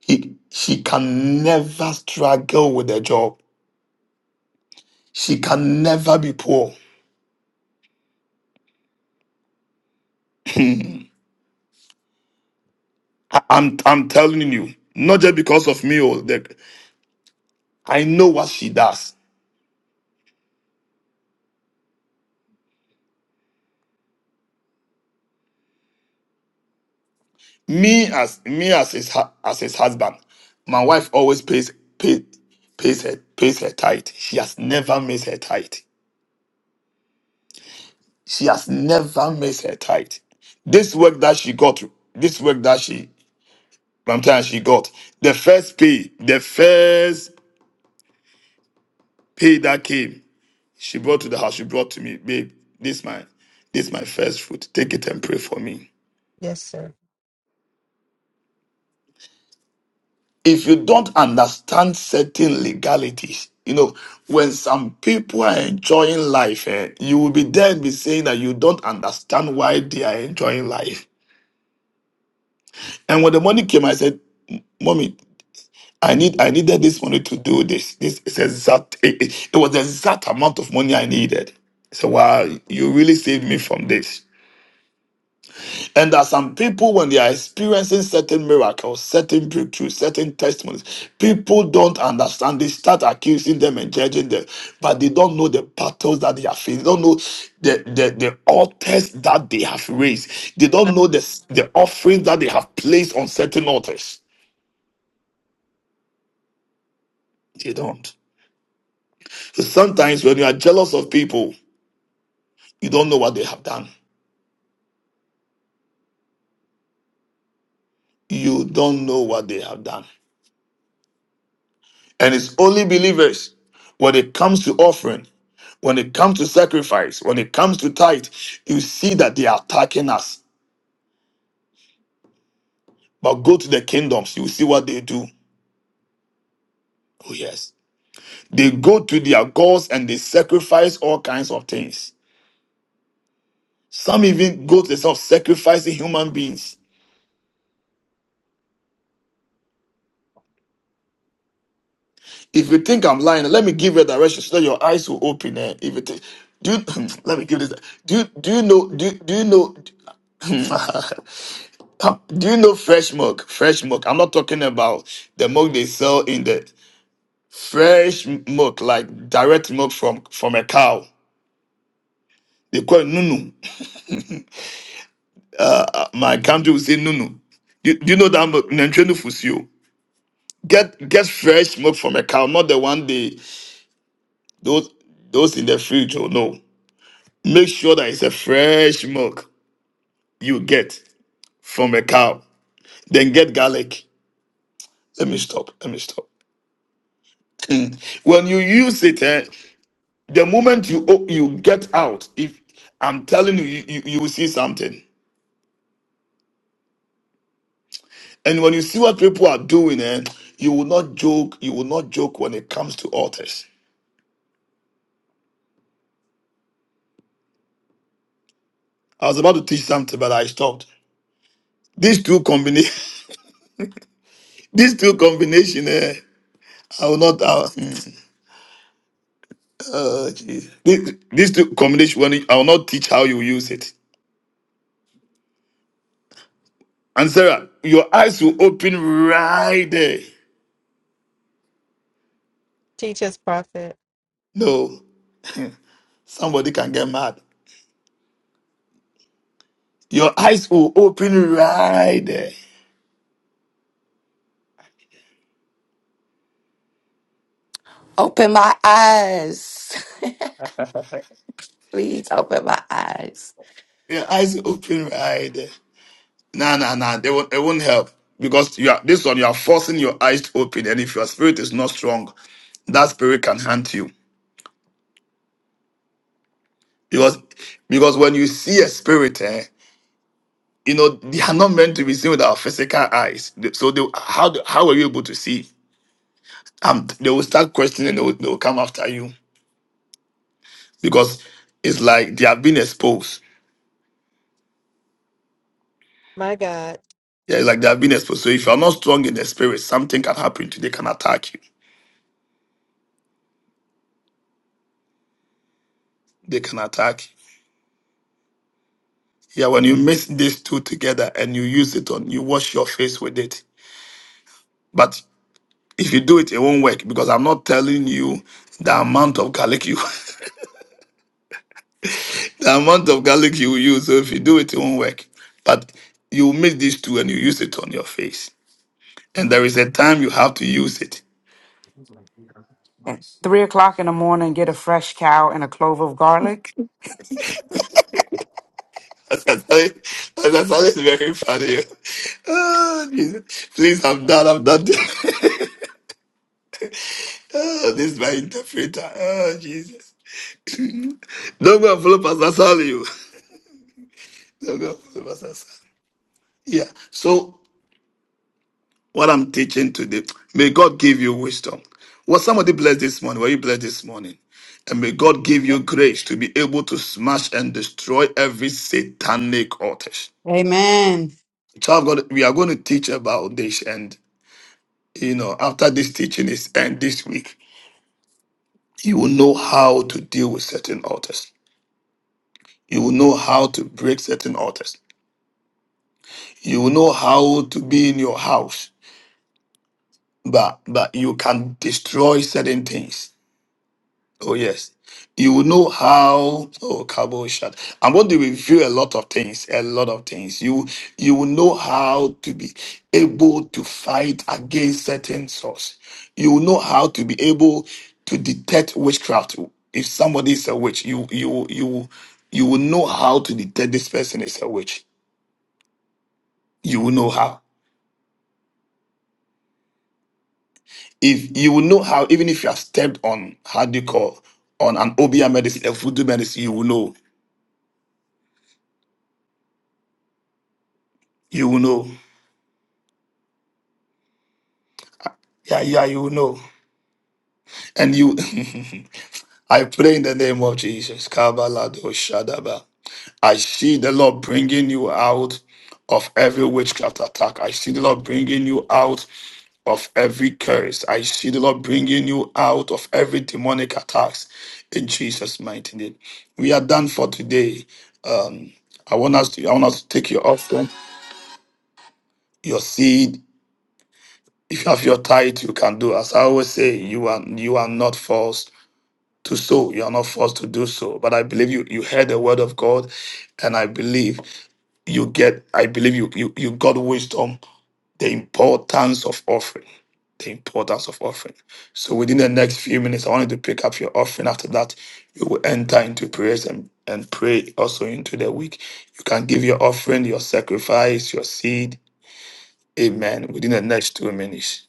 S1: he, she can never struggle with a job. She can never be poor. I, am I'm I'm telling you, not just because of me. Oh, the, I know what she does. me as me as his hu- as his husband, my wife always pays pay, pays her pays her tithe. She has never missed her tithe. She has never missed her tithe. This work that she got, this work that she sometimes she got, the first pay, the first pay that came, she brought to the house. She brought to me, babe. This my this my first fruit. Take it and pray for me.
S7: Yes, sir.
S1: if you don't understand certain legalities, you know, when some people are enjoying life, eh, you will be there and be saying that you don't understand why they are enjoying life. And when the money came, I said, "Mommy, I need, I needed this money to do this. This is exact. It, it, it was the exact amount of money I needed." So, wow, you really saved me from this. And there are some people, when they are experiencing certain miracles, certain breakthroughs, certain testimonies, people don't understand. They start accusing them and judging them, but they don't know the battles that they are facing. They don't know the, the, the altars that they have raised. They
S7: My-
S1: don't know the, the offerings that they have placed on certain altars. They don't. So sometimes when you are jealous of people, you don't know what they have done. You don't know what they have done. And it's only believers when it comes to offering, when it comes to sacrifice, when it comes to tithe, you see that they are attacking us. But go to the kingdoms, you see what they do. Oh, yes. They go to their gods and they sacrifice all kinds of things. Some even go to the self sacrificing human beings. If you think I'm lying, let me give you a direction so that your eyes will open. Eh? If you think, do you, let me give this. Do you, do you know? Do you, do you know? Pap- Do you know fresh milk? Fresh milk. I'm not talking about the milk they sell in the fresh milk, like direct milk from from a cow. They call it nunu. Uh, my country will say nunu. Do, do you know that milk? Nantwenu Fusio. Get get fresh milk from a cow, not the one they those those in the fridge. Oh no. Make sure that it's a fresh milk you get from a cow. Then get garlic. Let me stop. Let me stop. Mm. when you use it, eh, The moment you o- you get out, if I'm telling you, you, you you will see something. And when you see what people are doing, eh, you will not joke. You will not joke when it comes to altars. I was about to teach something, but I stopped. These two combination, these two combination, eh, I will not. Uh, oh, jeez. This- These two combination, when you- I will not teach how you use it. And Sarah, your eyes will open right there.
S7: Teach us, prophet.
S1: No, somebody can get mad. Your eyes will open right there.
S14: Open my eyes. Please open my eyes.
S1: Yeah, eyes open wide. Nah, nah, nah. They won't. It won't help because you are this one. You are forcing your eyes to open, and if your spirit is not strong, that spirit can haunt you. Because because when you see a spirit, eh, you know they are not meant to be seen with our physical eyes. They- So they, how do- how are you able to see? Um, they will start questioning. They will, they will come after you because it's like they have been exposed.
S7: My God.
S1: Yeah, it's like they have been exposed. So if you are not strong in the spirit, something can happen to you. They can attack you. They can attack you. Yeah, when you mix these two together and you use it on, you wash your face with it. But if you do it, it won't work because I'm not telling you the amount of garlic you, the amount of garlic you use. So if you do it, it won't work. But you mix these two and you use it on your face, and there is a time you have to use it.
S2: At three o'clock in the morning, get a fresh cow and a clove of garlic.
S1: That's actually, That's always very funny. Oh, Jesus. Please, I'm done. I'm done. oh, this is my interpreter. Oh, Jesus. Don't go and follow Pastor Sally. No, no, no, no, no. Yeah. So what I'm teaching today, may God give you wisdom. Was somebody blessed this morning? Were you blessed this morning? And may God give
S7: Yes,
S1: you grace to be able to smash and destroy every satanic altar.
S16: Amen.
S1: Child of God, we are going to teach about this, and you know, after this teaching is end this week, you will know how to deal with certain altars. You will know how to break certain altars. You will know how to be in your house but but you can destroy certain things. Oh yes, you will know how. Oh, cowboy shot. I'm going to review a lot of things. A lot of things. You you will know how to be able to fight against certain source. You will know how to be able to detect witchcraft. If somebody is a witch, you you you you will know how to detect this person is a witch. You will know how. If you will know how, even if you have stepped on how do you call on an Obia medicine, a voodoo medicine, you will know. You will know. Yeah, yeah, you will know. And you I pray in the name of Jesus. Kabalado Shadaba. I see the Lord bringing you out of every witchcraft attack. I see the Lord bringing you out of every curse. I see the Lord bringing you out of every demonic attacks in Jesus' mighty name. We are done for today. Um, I want us to I want us to take your offering, your seed. If you have your tithe, you can do. As I always say, you are you are not forced to sow. You are not forced to do so. But I believe you you heard the word of God, and I believe you get. I believe you you you got wisdom the importance of offering. The importance of offering. So within the next few minutes, I want you to pick up your offering. After that, you will enter into prayers and, and pray also into the week. You can give your offering, your sacrifice, your seed. Amen. Within the next two minutes.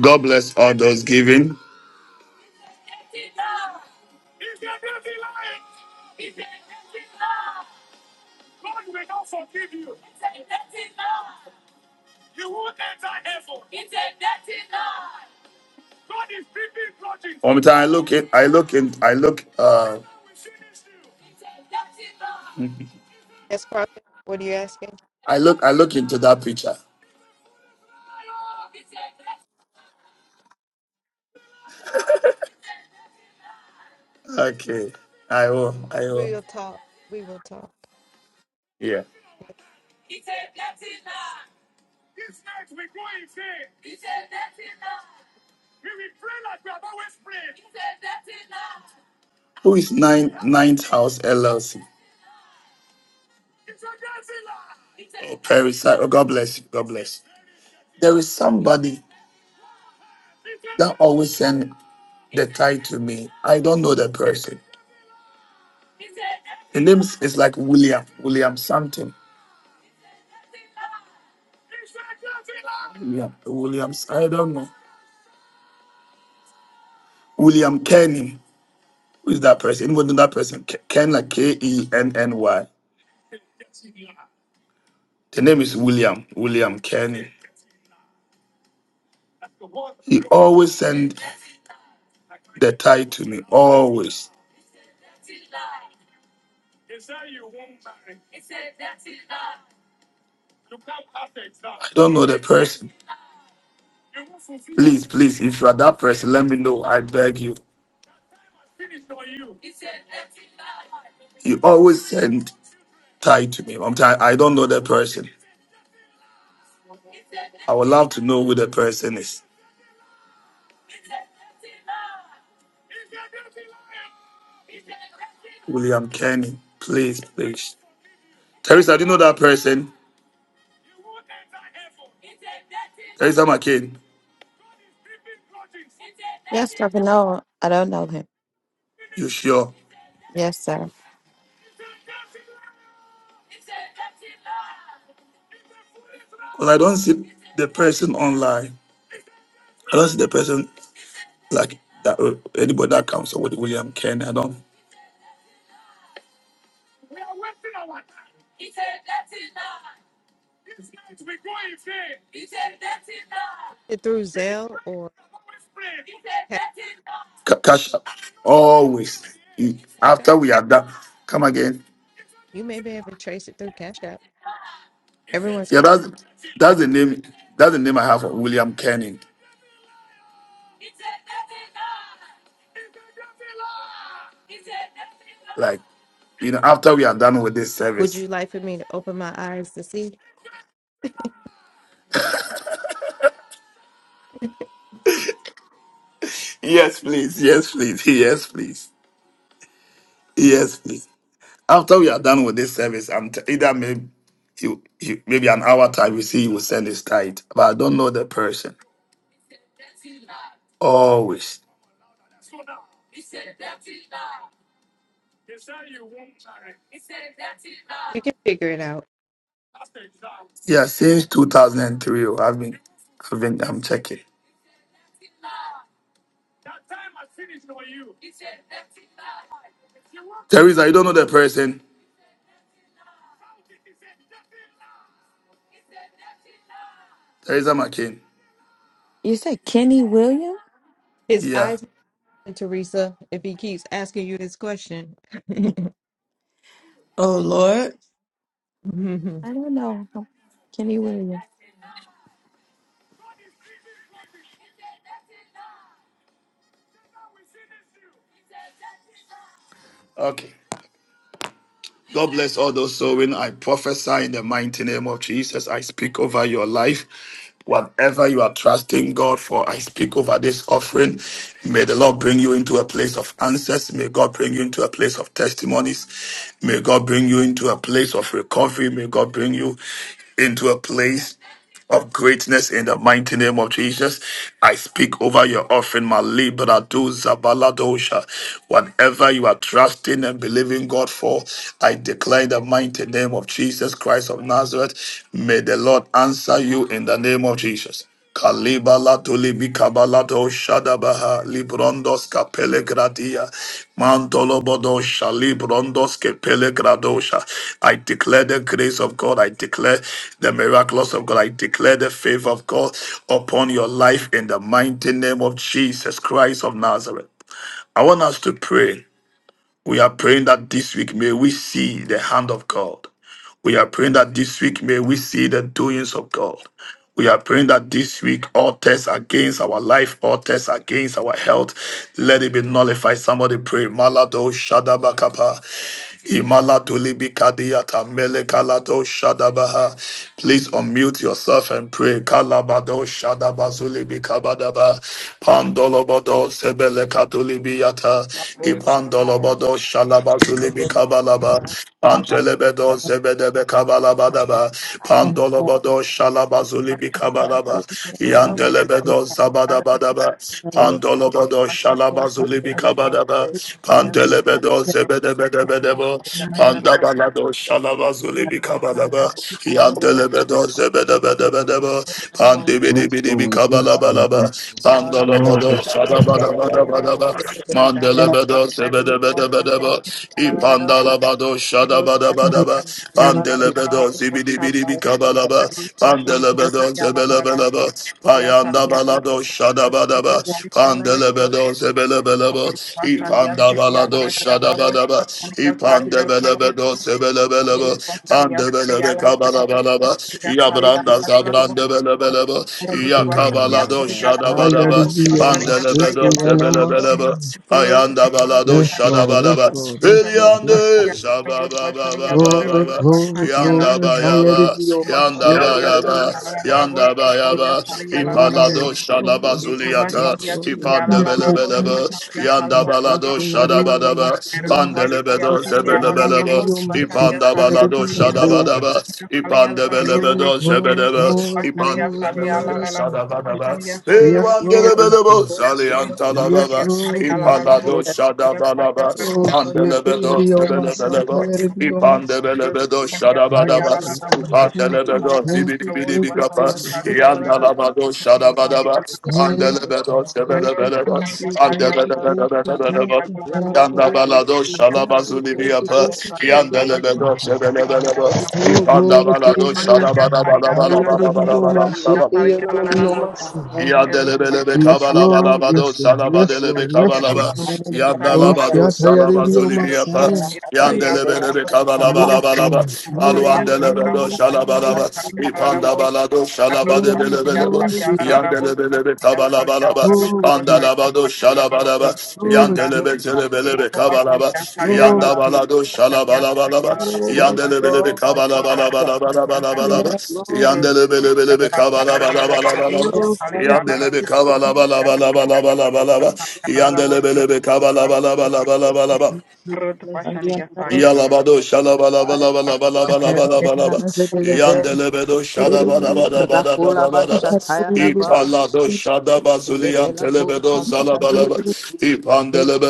S1: God bless all those giving. One time, I look in, I look in, I look, uh,
S7: yes, prophet. What are you asking?
S1: I look, I look into that picture. Okay. I will, I
S7: We
S1: will.
S7: will talk. We will talk.
S1: Yeah.
S7: Yes.
S1: Who is nine ninth house LLC? Oh, Parasite. Oh, God bless you. God bless you. There is somebody that always send the tie to me. I don't know the person. The name is is like William. William something. William. Williams. I don't know. William Kenny. Who is that person? Anyone know that person? Ke- Ken like K E N N Y. The name is William. William Kenny. He always send the tie to me. Always. I don't know the person. Please, please, if you are that person, let me know. I beg you. You always send tie to me. I'm t- I am I do not know the person. I would love to know who the person is. William Kenny. Please, please. Teresa, do you know that person? Teresa McCain.
S5: Yes, sir. But no, I don't know him.
S1: You sure?
S5: Yes, sir.
S1: Because I don't see the person online. I don't see the person like that. uh, Anybody that comes up with William Kenny. I don't.
S7: it through Zelle or Ca-
S1: Ca- Cash up. Always. You-
S7: Cash App?
S1: After we are done, come again.
S7: You may be able to trace it through Cash App. Everyone's
S1: Yeah,
S7: Cash
S1: that's
S7: App.
S1: that's the name. That's the name I have for William Canning. Like, you know, after we are done with this
S7: Would
S1: service.
S7: you like for me to open my eyes to see?
S1: Yes, please. Yes, please. Yes, please. Yes, please. After we are done with this service, I'm t- either maybe he, he, maybe an hour time. You see, he will send his tithe, but I don't know the person. Always.
S7: We can figure it out.
S1: Yeah, since 2003, oh, I've been, I've been, I'm checking. Teresa, you don't know the person. Teresa McCain.
S5: You said Kenny Williams?
S7: His
S1: Yeah.
S7: eyes, Teresa, if he keeps asking you this question.
S16: Oh Lord.
S5: I don't know him. Kenny Williams.
S1: Okay. God bless all those sowing. I prophesy in the mighty name of Jesus. I speak over your life. Whatever you are trusting God for, I speak over this offering. May the Lord bring you into a place of answers. May God bring you into a place of testimonies. May God bring you into a place of recovery. May God bring you into a place of greatness in the mighty name of Jesus. I speak over your offering, my Malibra Zabaladosha. Whatever you are trusting and believing God for, I declare in the mighty name of Jesus Christ of Nazareth. May the Lord answer you in the name of Jesus. Kalibalato libikabalato shadabaha librondos kapele gradia mantolobodosha librondos kepele gradosha. I declare the grace of God. I declare the miracles of God. I declare the favor of God upon your life in the mighty name of Jesus Christ of Nazareth. I want us to pray. We are praying that this week may we see the hand of God. We are praying that this week may we see the doings of God. We are praying that this week all tests against our life, all tests against our health, let it be nullified. Somebody pray. Malado Shadabakapa. Imalatulibikadiyata Melekalato Shadabaha. Please unmute yourself and pray. Kalabado Shadabazulibikabadaba. Pandolobodo Sebelekatulibiyata. Bado Shalaba Zulibi Kabalaba, Antelebedo Zebedebe Kabalabadaba,
S12: and uh,
S1: Pandolobado Shalaba Zulibi Kabalaba,
S12: yeah,
S1: Yandelebedo Zabadabadaba,
S12: the role.
S1: Pandolobado Shalaba
S12: My
S1: Zulibi Kabadaba,
S12: good
S1: Pandelebedo
S12: friend,
S1: Zebedebedebedebo, Pandabalado Shalaba Zulibi Kabalaba, Yandelebedo Zebedebedebedebo, Pandibidi
S8: Bless
S1: Bidi
S8: Lord. Bless Lord. Bless
S1: Kabalabalaba,
S8: Lord.
S1: Shada Bada Bada Bada Ba Mandele
S12: are
S1: Bado Sebede Bede Bede Ba Ipandala Bado Shada Bada Bada Ba
S12: the role.
S1: Pandele Bado Sibidi Bidi Bikabala Ba Pandele Bado Sebele Bele Ba Payanda Balado Shada Bada Ba Pandele Bado Sebele Bele Ba Ipanda Balado Shada Bada Ba Ipande Bele Bado Sebele Bele Ba Pandele Bele Kabala Bala Ba Yabrandabelebeleba,
S8: Oh, my
S1: Yakabalado
S8: God. I gotta
S1: Shadabadaba,
S8: be on my feet
S1: Pandelebedo
S8: and on my
S1: Tebelebeleba,
S8: side.
S1: Ayandabalado
S8: Yes, Lord. Yes,
S1: Shadabadaba,
S8: Lord. Yes, Lord. Yes,
S1: Eliande
S8: Lord. Glory,
S1: Shabababababa,
S8: glory, glory. I gotta
S1: Yandabayaba,
S8: be on my feet and on my
S1: Yandabayaba,
S8: side.
S1: Yandabayaba,
S8: Oh,
S1: Ipalado
S8: yes, Lord. Yes, Lord.
S1: Shadabazuliata,
S8: Yes, Lord. Yes.
S12: you
S1: Ipandebelebeleba,
S8: My feet
S1: Yandabalado
S8: gotta be on my
S1: Shadabadaba,
S8: side.
S1: Pandelebedo
S8: I gotta
S1: Tebelebeleba,
S8: be on my
S1: Ipan
S8: feet.
S1: Ipanda
S8: Gotta be
S1: balado
S8: on my side.
S1: shadabadaba. Ipande
S8: Lord,
S1: belebedo
S8: Lord,
S1: shebedeba.
S8: Lord,
S1: Ipande
S8: Lord,
S1: belebedo
S8: Lord, Lord.
S1: shadabadaba.
S8: Yes,
S1: Ilwande
S8: Lord, yes,
S1: lebedebo
S8: Lord. Yes,
S1: saliantalababa.
S8: Lord, yes.
S1: Ipalado
S12: are
S1: shadabalaba.
S8: Oh,
S1: Pande
S8: shake it,
S1: lebedo
S8: yari oma sata
S1: shebelebelebo.
S8: yari oma.
S1: Ipande belebedo shadabadaba.
S8: Yes, Lord.
S1: Ipande
S8: Thank you,
S1: lebedo
S8: thank you, thank you,
S1: zibidibidibikapa.
S8: thank you.
S1: Yandalabado shadabadaba. Ande
S8: Thank
S1: lebedo
S8: thank you,
S1: shebelebelebo.
S8: thank you, thank you, thank
S1: Ande
S8: you,
S12: the role. And are
S8: thank
S1: Yanda
S8: you, thank you,
S1: balado şalabazu libi
S8: thank you, thank you, thank you,
S1: yapı.
S8: thank you,
S1: Yanda
S8: thank you,
S1: lebedo
S8: thank you.
S1: şebelebelebe.
S8: Oh,
S1: Yanda
S8: glory
S17: Rakula
S8: to your
S1: balado
S8: name.
S1: şalabala bala bala bala
S8: Hayari
S1: bala
S8: oma
S1: bala
S8: shake
S1: bala.
S8: yari oma.
S1: Yanda lebelebe
S8: Yes,
S1: kabala bala
S8: Lord.
S1: bado
S8: Yes, Lord. Yes,
S1: şalabadelebe
S8: Lord. Yes,
S1: kabala ba.
S8: Lord.
S1: Yanda
S8: Oh,
S1: labado şalabazu
S8: Shatayaridio
S1: libi yapı.
S8: Messiah.
S1: Yanda lebelebe kabala bala
S8: Yes,
S1: bala ba.
S8: Lord. Glory,
S1: Aluanda lebedo
S8: glory,
S1: şalabala ba.
S8: glory,
S1: İpanda balado
S8: glory,
S1: şalabadebelebelebe.
S8: glory to you.
S1: Yanda lebelebe kabala bala ba.
S8: Glory to
S1: Panda
S8: you.
S1: labado şalabalaba
S8: Glory to you.
S1: yandelebe telebelebe kabalaba
S8: Glory
S1: yanda
S8: to you.
S1: balado şalabalabalaba
S8: Yes,
S1: yandelebelebe
S8: Lord.
S1: kabalabalabalabalabalaba
S8: Yes, Lord. Yes, Lord.
S1: yandelebelebelebe kabalabalabalaba
S8: Oh, thank
S1: yandelebe
S8: you, Lord.
S1: kabalabalabalabalaba yandelebelebe kabalabalabalabalaba Yalabado shalabalabalabalabalabalabalaba. Yandelebedo shadabadabadabadabadabadaba.
S17: Bashataya
S12: the
S17: Naba,
S1: Ipalado shadabazulian
S17: Zebela
S1: telebedo
S17: Boshandana
S1: zalabalaba.
S17: Zibility, Zeta,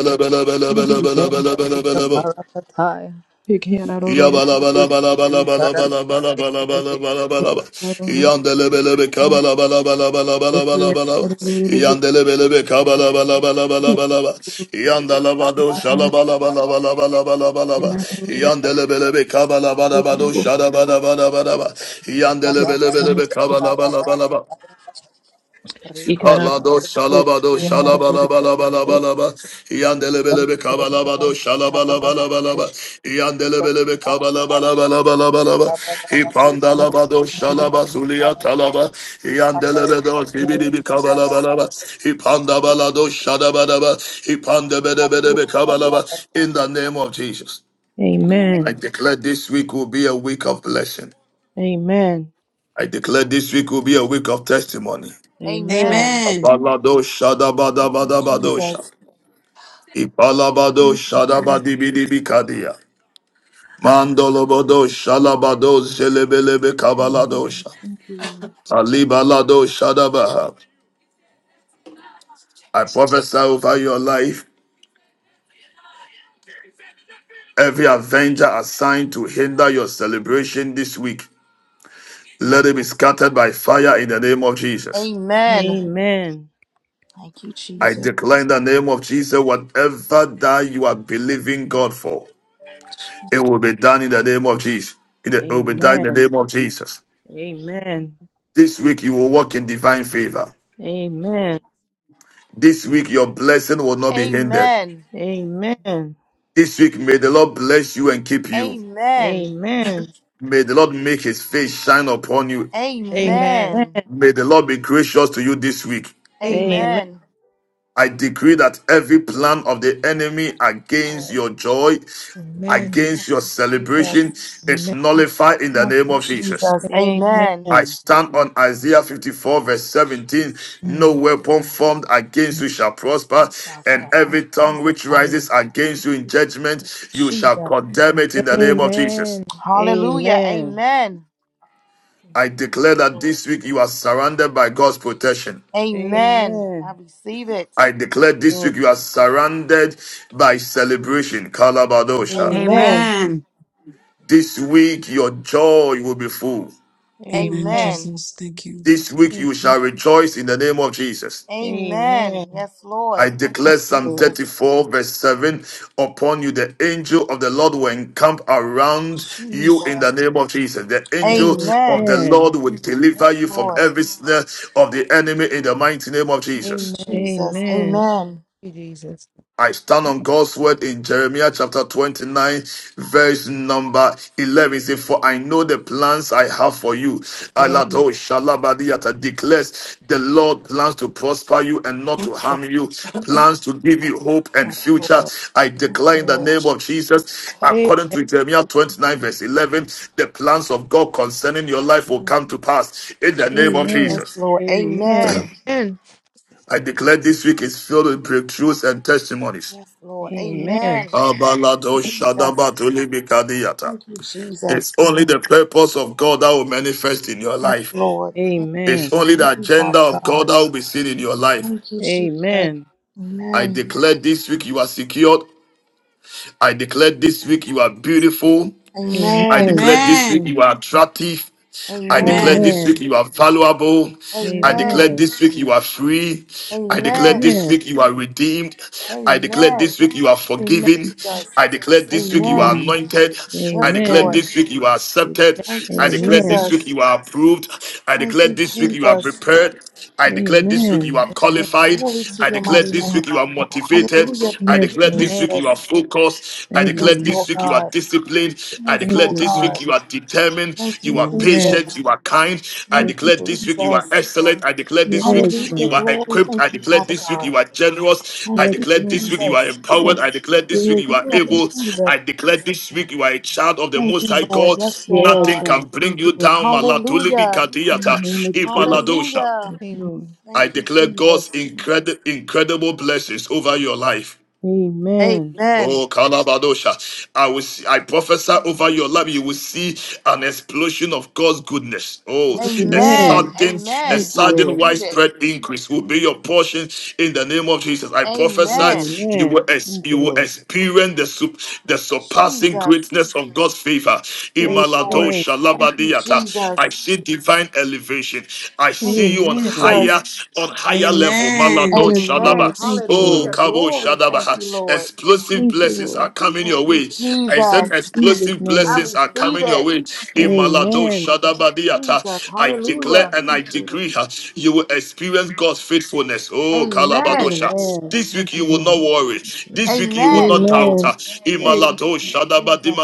S12: role.
S17: Ibenda, Luka Parakataya,
S12: You
S1: Yabala bala bala bala bala
S17: Zikaraba,
S1: bala bala bala bala
S17: Zikarabia,
S1: bala bala
S12: are a role.
S1: Yandele bele be kabala bala bala bala bala bala
S12: You
S1: bala.
S12: are a
S1: Yandele bele be kabala bala bala bala bala. Yandala bado
S12: role.
S1: shala bala bala bala bala bala
S12: You
S1: bala.
S12: are a role.
S1: Yandele bele be kabala bala bado
S12: Amen.
S1: shala bala bala bala. Yandele bele
S17: Pekababa,
S1: bele
S12: Amen.
S1: be kabala bala bala bala.
S12: Amen.
S17: Rekabara,
S1: Kalado
S12: Thank
S1: shalabado
S12: you, Lord.
S1: shalabalabalabalabalaba. Yandelebelebe
S17: Zendana,
S1: kabalabado
S17: Zikaraba,
S1: shalabalabalabalaba. Yandelebelebe kabalabalabalabalaba.
S17: Zikaraba, Zikaraba,
S1: Ipandalabado shalabazulia talaba.
S17: Zikaraba,
S1: Yandelebedo zibidibi
S17: Zikaraba,
S1: kabalabalaba. Ipandabalado shadabadaba. Ipandebedebedebe kabalaba. In the name of Jesus, I
S12: Amen.
S1: declare this week will be a week of blessing.
S12: Amen. Amen.
S1: I declare this week will be a week of testimony.
S12: Amen.
S15: Amen.
S16: Amen.
S1: Abalado
S15: Thank you,
S1: shadabadabadabadosha.
S15: Jesus.
S1: Ipalabado
S15: Thank you, Jesus.
S1: shadabadibidibikadia. Mandolobodo shalabado zelebelebe kabaladosha.
S12: Amen.
S1: Alibalado shadabaha. I prophesy over your life. Every avenger assigned to hinder your celebration this week, let it be scattered by fire in the name of Jesus.
S15: Amen. Thank you,
S1: I
S15: Jesus.
S1: declare in the name of Jesus whatever that you are believing God for. It will be done in the name of Jesus. It will be done in the name of Jesus. This week you will walk in divine favor. This week your blessing will not be hindered.
S15: Amen.
S1: This week may the Lord bless you and keep you.
S15: Amen.
S1: May the Lord make his face shine upon you.
S7: Amen.
S15: Amen.
S1: May the Lord be gracious to you this week.
S7: Amen.
S12: Amen.
S15: Amen.
S1: I decree that every plan of the enemy against
S15: Lord,
S1: your joy,
S7: Amen.
S15: thank
S1: against your
S15: you, Jesus.
S1: celebration, is
S7: Amen.
S1: nullified in the
S15: Thank
S1: name
S15: you,
S1: of Jesus.
S15: Jesus. Amen.
S1: I
S12: Amen.
S1: stand on Isaiah 54, verse 17.
S15: Jesus.
S1: No
S7: Amen.
S1: weapon formed against you shall prosper,
S15: Thank you,
S1: and
S15: God. Thank
S1: every
S15: you,
S1: tongue
S15: Jesus.
S1: which
S15: mighty name.
S1: rises against you in judgment, you shall
S15: Jesus.
S1: condemn it in the name of Jesus.
S7: Amen.
S12: Amen. Amen.
S15: Hallelujah.
S12: Amen.
S15: Amen.
S12: Thank
S1: I
S12: you.
S15: Thank
S1: declare
S15: you,
S1: that
S15: Lord.
S1: this week you are surrounded by God's protection.
S15: Amen. I
S12: Amen.
S15: receive it.
S1: I
S12: Yes,
S1: declare this
S12: Lord.
S1: week you are surrounded by celebration. Kalabadosha.
S7: Amen.
S15: Amen.
S12: Amen.
S16: Amen.
S1: This week your joy will be full.
S16: Amen,
S12: Amen.
S15: Amen.
S16: Jesus. Thank you.
S1: This week you shall rejoice in the name of Jesus.
S12: Amen.
S15: Amen. Yes, Lord.
S1: I
S15: Thank you,
S12: Thank
S1: declare
S12: you,
S1: Psalm
S12: Lord.
S15: Jesus.
S1: 34, verse 7 upon you. The angel of the Lord will encamp around you in the
S15: Jesus.
S1: name of Jesus. The angel of
S15: Amen.
S1: the
S12: Amen.
S1: Lord will
S15: Yes,
S1: deliver you from
S15: Lord.
S1: every snare of the enemy in the mighty name of
S7: Amen.
S15: Thank you,
S1: Jesus.
S7: Amen. Thank
S15: Jesus.
S12: Amen.
S15: Amen.
S7: you, Jesus.
S1: I stand on God's word in Jeremiah chapter 29, verse number 11. It says, For I know the plans I have for you.
S7: Yeah.
S1: Alado Shalabadiata declares, The Lord plans to prosper you and not to
S15: Jesus.
S1: harm you, plans to give you hope and
S15: Yes,
S1: future.
S15: Lord.
S1: I
S15: Yes,
S1: declare in the
S15: Lord.
S1: name of Jesus,
S7: Amen.
S1: according to Jeremiah 29, verse 11, the plans of God concerning your life will
S15: Thank
S1: come
S15: you,
S1: to
S15: Jesus.
S1: pass in the name of
S12: Amen.
S15: Yes,
S1: Jesus.
S15: Lord.
S12: Amen.
S15: Amen.
S1: I declare this week is filled with breakthroughs and testimonies.
S15: Yes, Lord.
S12: Amen.
S15: Amen.
S1: Abalado
S15: Jesus.
S1: shadabatuli bikadiyata.
S15: Thank you, Jesus.
S1: It's only the purpose of God that will manifest in your
S15: Yes,
S1: life.
S15: Lord.
S1: It's
S12: Amen.
S1: only the
S15: Thank you,
S1: agenda
S15: Father
S1: of God
S15: God.
S1: that will be seen in your life.
S15: Thank you, Jesus.
S12: Amen.
S1: I
S15: Amen.
S1: declare this week you are secured. I declare this week you are beautiful. I
S12: Amen.
S15: Amen.
S1: declare
S12: Amen.
S1: this
S16: Amen.
S1: week you are attractive. I declare
S15: Amen.
S16: Amen.
S1: this week you are valuable. I declare
S15: Amen.
S12: Amen.
S1: this week you are free. I declare
S15: Amen.
S1: this
S12: Amen.
S1: week you are redeemed. I declare
S15: Amen.
S1: this week you are
S7: Amen.
S1: forgiven.
S15: Jesus.
S1: I declare this week you are
S15: Amen.
S16: Amen.
S1: anointed. I
S15: Yes,
S1: declare
S12: Amen.
S15: Lord.
S1: this week you are accepted.
S15: Thank you,
S1: I declare this
S12: Amen.
S1: week
S15: Jesus.
S1: you are approved. I
S15: Thank
S1: declare
S15: you,
S1: this week you are
S15: Jesus.
S1: prepared. I declare this week you
S12: Amen.
S1: are qualified.
S15: Glory to
S1: I
S15: your
S1: declare
S12: Yes,
S15: mighty name,
S1: this
S12: Lord.
S1: week you are
S15: Father God.
S1: motivated.
S15: Hallelujah.
S1: I
S15: Thank
S12: Yes,
S15: you,
S1: declare
S12: Lord.
S1: this
S7: Amen.
S1: week
S15: Jesus.
S1: you are focused. I
S12: Thank you,
S1: declare
S15: Yes,
S12: Jesus.
S16: Amen.
S1: this
S15: Lord
S1: week you are
S15: God.
S1: disciplined. I
S15: Yes,
S1: declare
S12: Thank
S15: Lord
S12: you,
S1: this
S15: God.
S12: Lord.
S1: week you are determined.
S15: Thank you,
S1: You are
S12: Amen.
S1: patient.
S15: Jesus.
S1: You are kind. I
S15: Thank
S12: Yes,
S15: you,
S1: declare
S12: Lord.
S1: this week you are
S15: Jesus.
S1: excellent. I declare this
S12: Yes,
S1: week
S15: Hallelujah.
S1: you
S12: Lord.
S1: are
S15: Glory.
S1: equipped. I
S15: Thank you,
S1: declare
S15: Father
S1: this week
S15: God.
S1: you are generous.
S15: Thank
S1: I
S12: Yes,
S15: you,
S1: declare this
S12: Lord.
S1: week you are
S15: Jesus.
S1: empowered. I
S12: Lord.
S1: declare this week
S12: Yes,
S1: you are
S15: Yes,
S12: Lord.
S1: able.
S15: Jesus.
S1: I declare this week you are a child of the
S15: Thank
S1: Most
S15: you,
S1: High
S15: Lord.
S1: God.
S15: Yes, Lord
S12: Yes,
S1: Nothing
S15: God.
S1: can
S12: God.
S1: bring
S12: Thank
S1: you
S12: you, Lord.
S1: down. Malatulimi
S15: Hallelujah.
S12: In the
S1: kadiyata.
S12: name of Jesus.
S1: Ifaladosha.
S15: Hallelujah.
S12: Yes,
S7: Amen.
S12: Lord.
S1: I
S15: Thank you,
S1: declare God's
S15: Jesus.
S1: incredible incredible blessings over your life.
S12: Amen.
S15: Amen.
S1: Oh, Kalabadosha. I will see, I prophesy over your life. You will see an explosion of God's goodness. Oh, a
S15: Amen.
S12: Amen.
S1: sudden, a
S15: Amen.
S12: Thank you,
S15: I
S1: sudden
S12: Lord.
S15: receive it.
S1: widespread increase will be your portion in the name of Jesus. I
S15: Amen.
S1: prophesy you will,
S12: Amen.
S1: ex-
S12: Thank you,
S1: you will
S12: Lord.
S1: experience the, sup- the surpassing
S15: Jesus.
S1: greatness of God's favor.
S15: Yes, Lord.
S12: Amen.
S1: Imaladosha
S15: Thank you,
S1: labadiata.
S15: Jesus.
S1: I see divine elevation. I
S15: Thank
S1: see
S15: you,
S1: you on
S12: Amen.
S15: Jesus.
S1: higher, on higher level.
S16: Amen.
S1: Malado
S12: Yes,
S15: Amen.
S12: Lord.
S1: Shadaba.
S12: Thank you,
S1: Oh,
S15: Hallelujah.
S12: Lord.
S1: Kabo
S15: Glory.
S1: Shadaba.
S15: Thank you, Lord.
S1: Explosive
S12: Thank you,
S1: blessings are
S12: Lord.
S1: coming
S15: Thank
S1: your
S15: you,
S1: way. I
S15: Jesus.
S1: said
S12: In Jesus'
S1: explosive
S15: I
S12: name.
S1: blessings are
S15: receive
S1: coming your
S15: it.
S1: way. In Malado
S12: Amen.
S1: Shadaba Diata.
S15: Jesus.
S1: I declare
S15: Hallelujah.
S1: and I
S12: Thank you,
S1: decree her. You will experience God's faithfulness. Oh,
S12: Lord.
S15: Amen.
S1: Kalabadosha.
S12: Amen.
S1: This
S12: Thank
S1: week
S12: you,
S1: you will
S12: God.
S1: not worry. This this week you will
S15: Amen.
S1: not doubt. uh,
S12: Amen.
S1: Imalato Shadaba
S15: Jesus.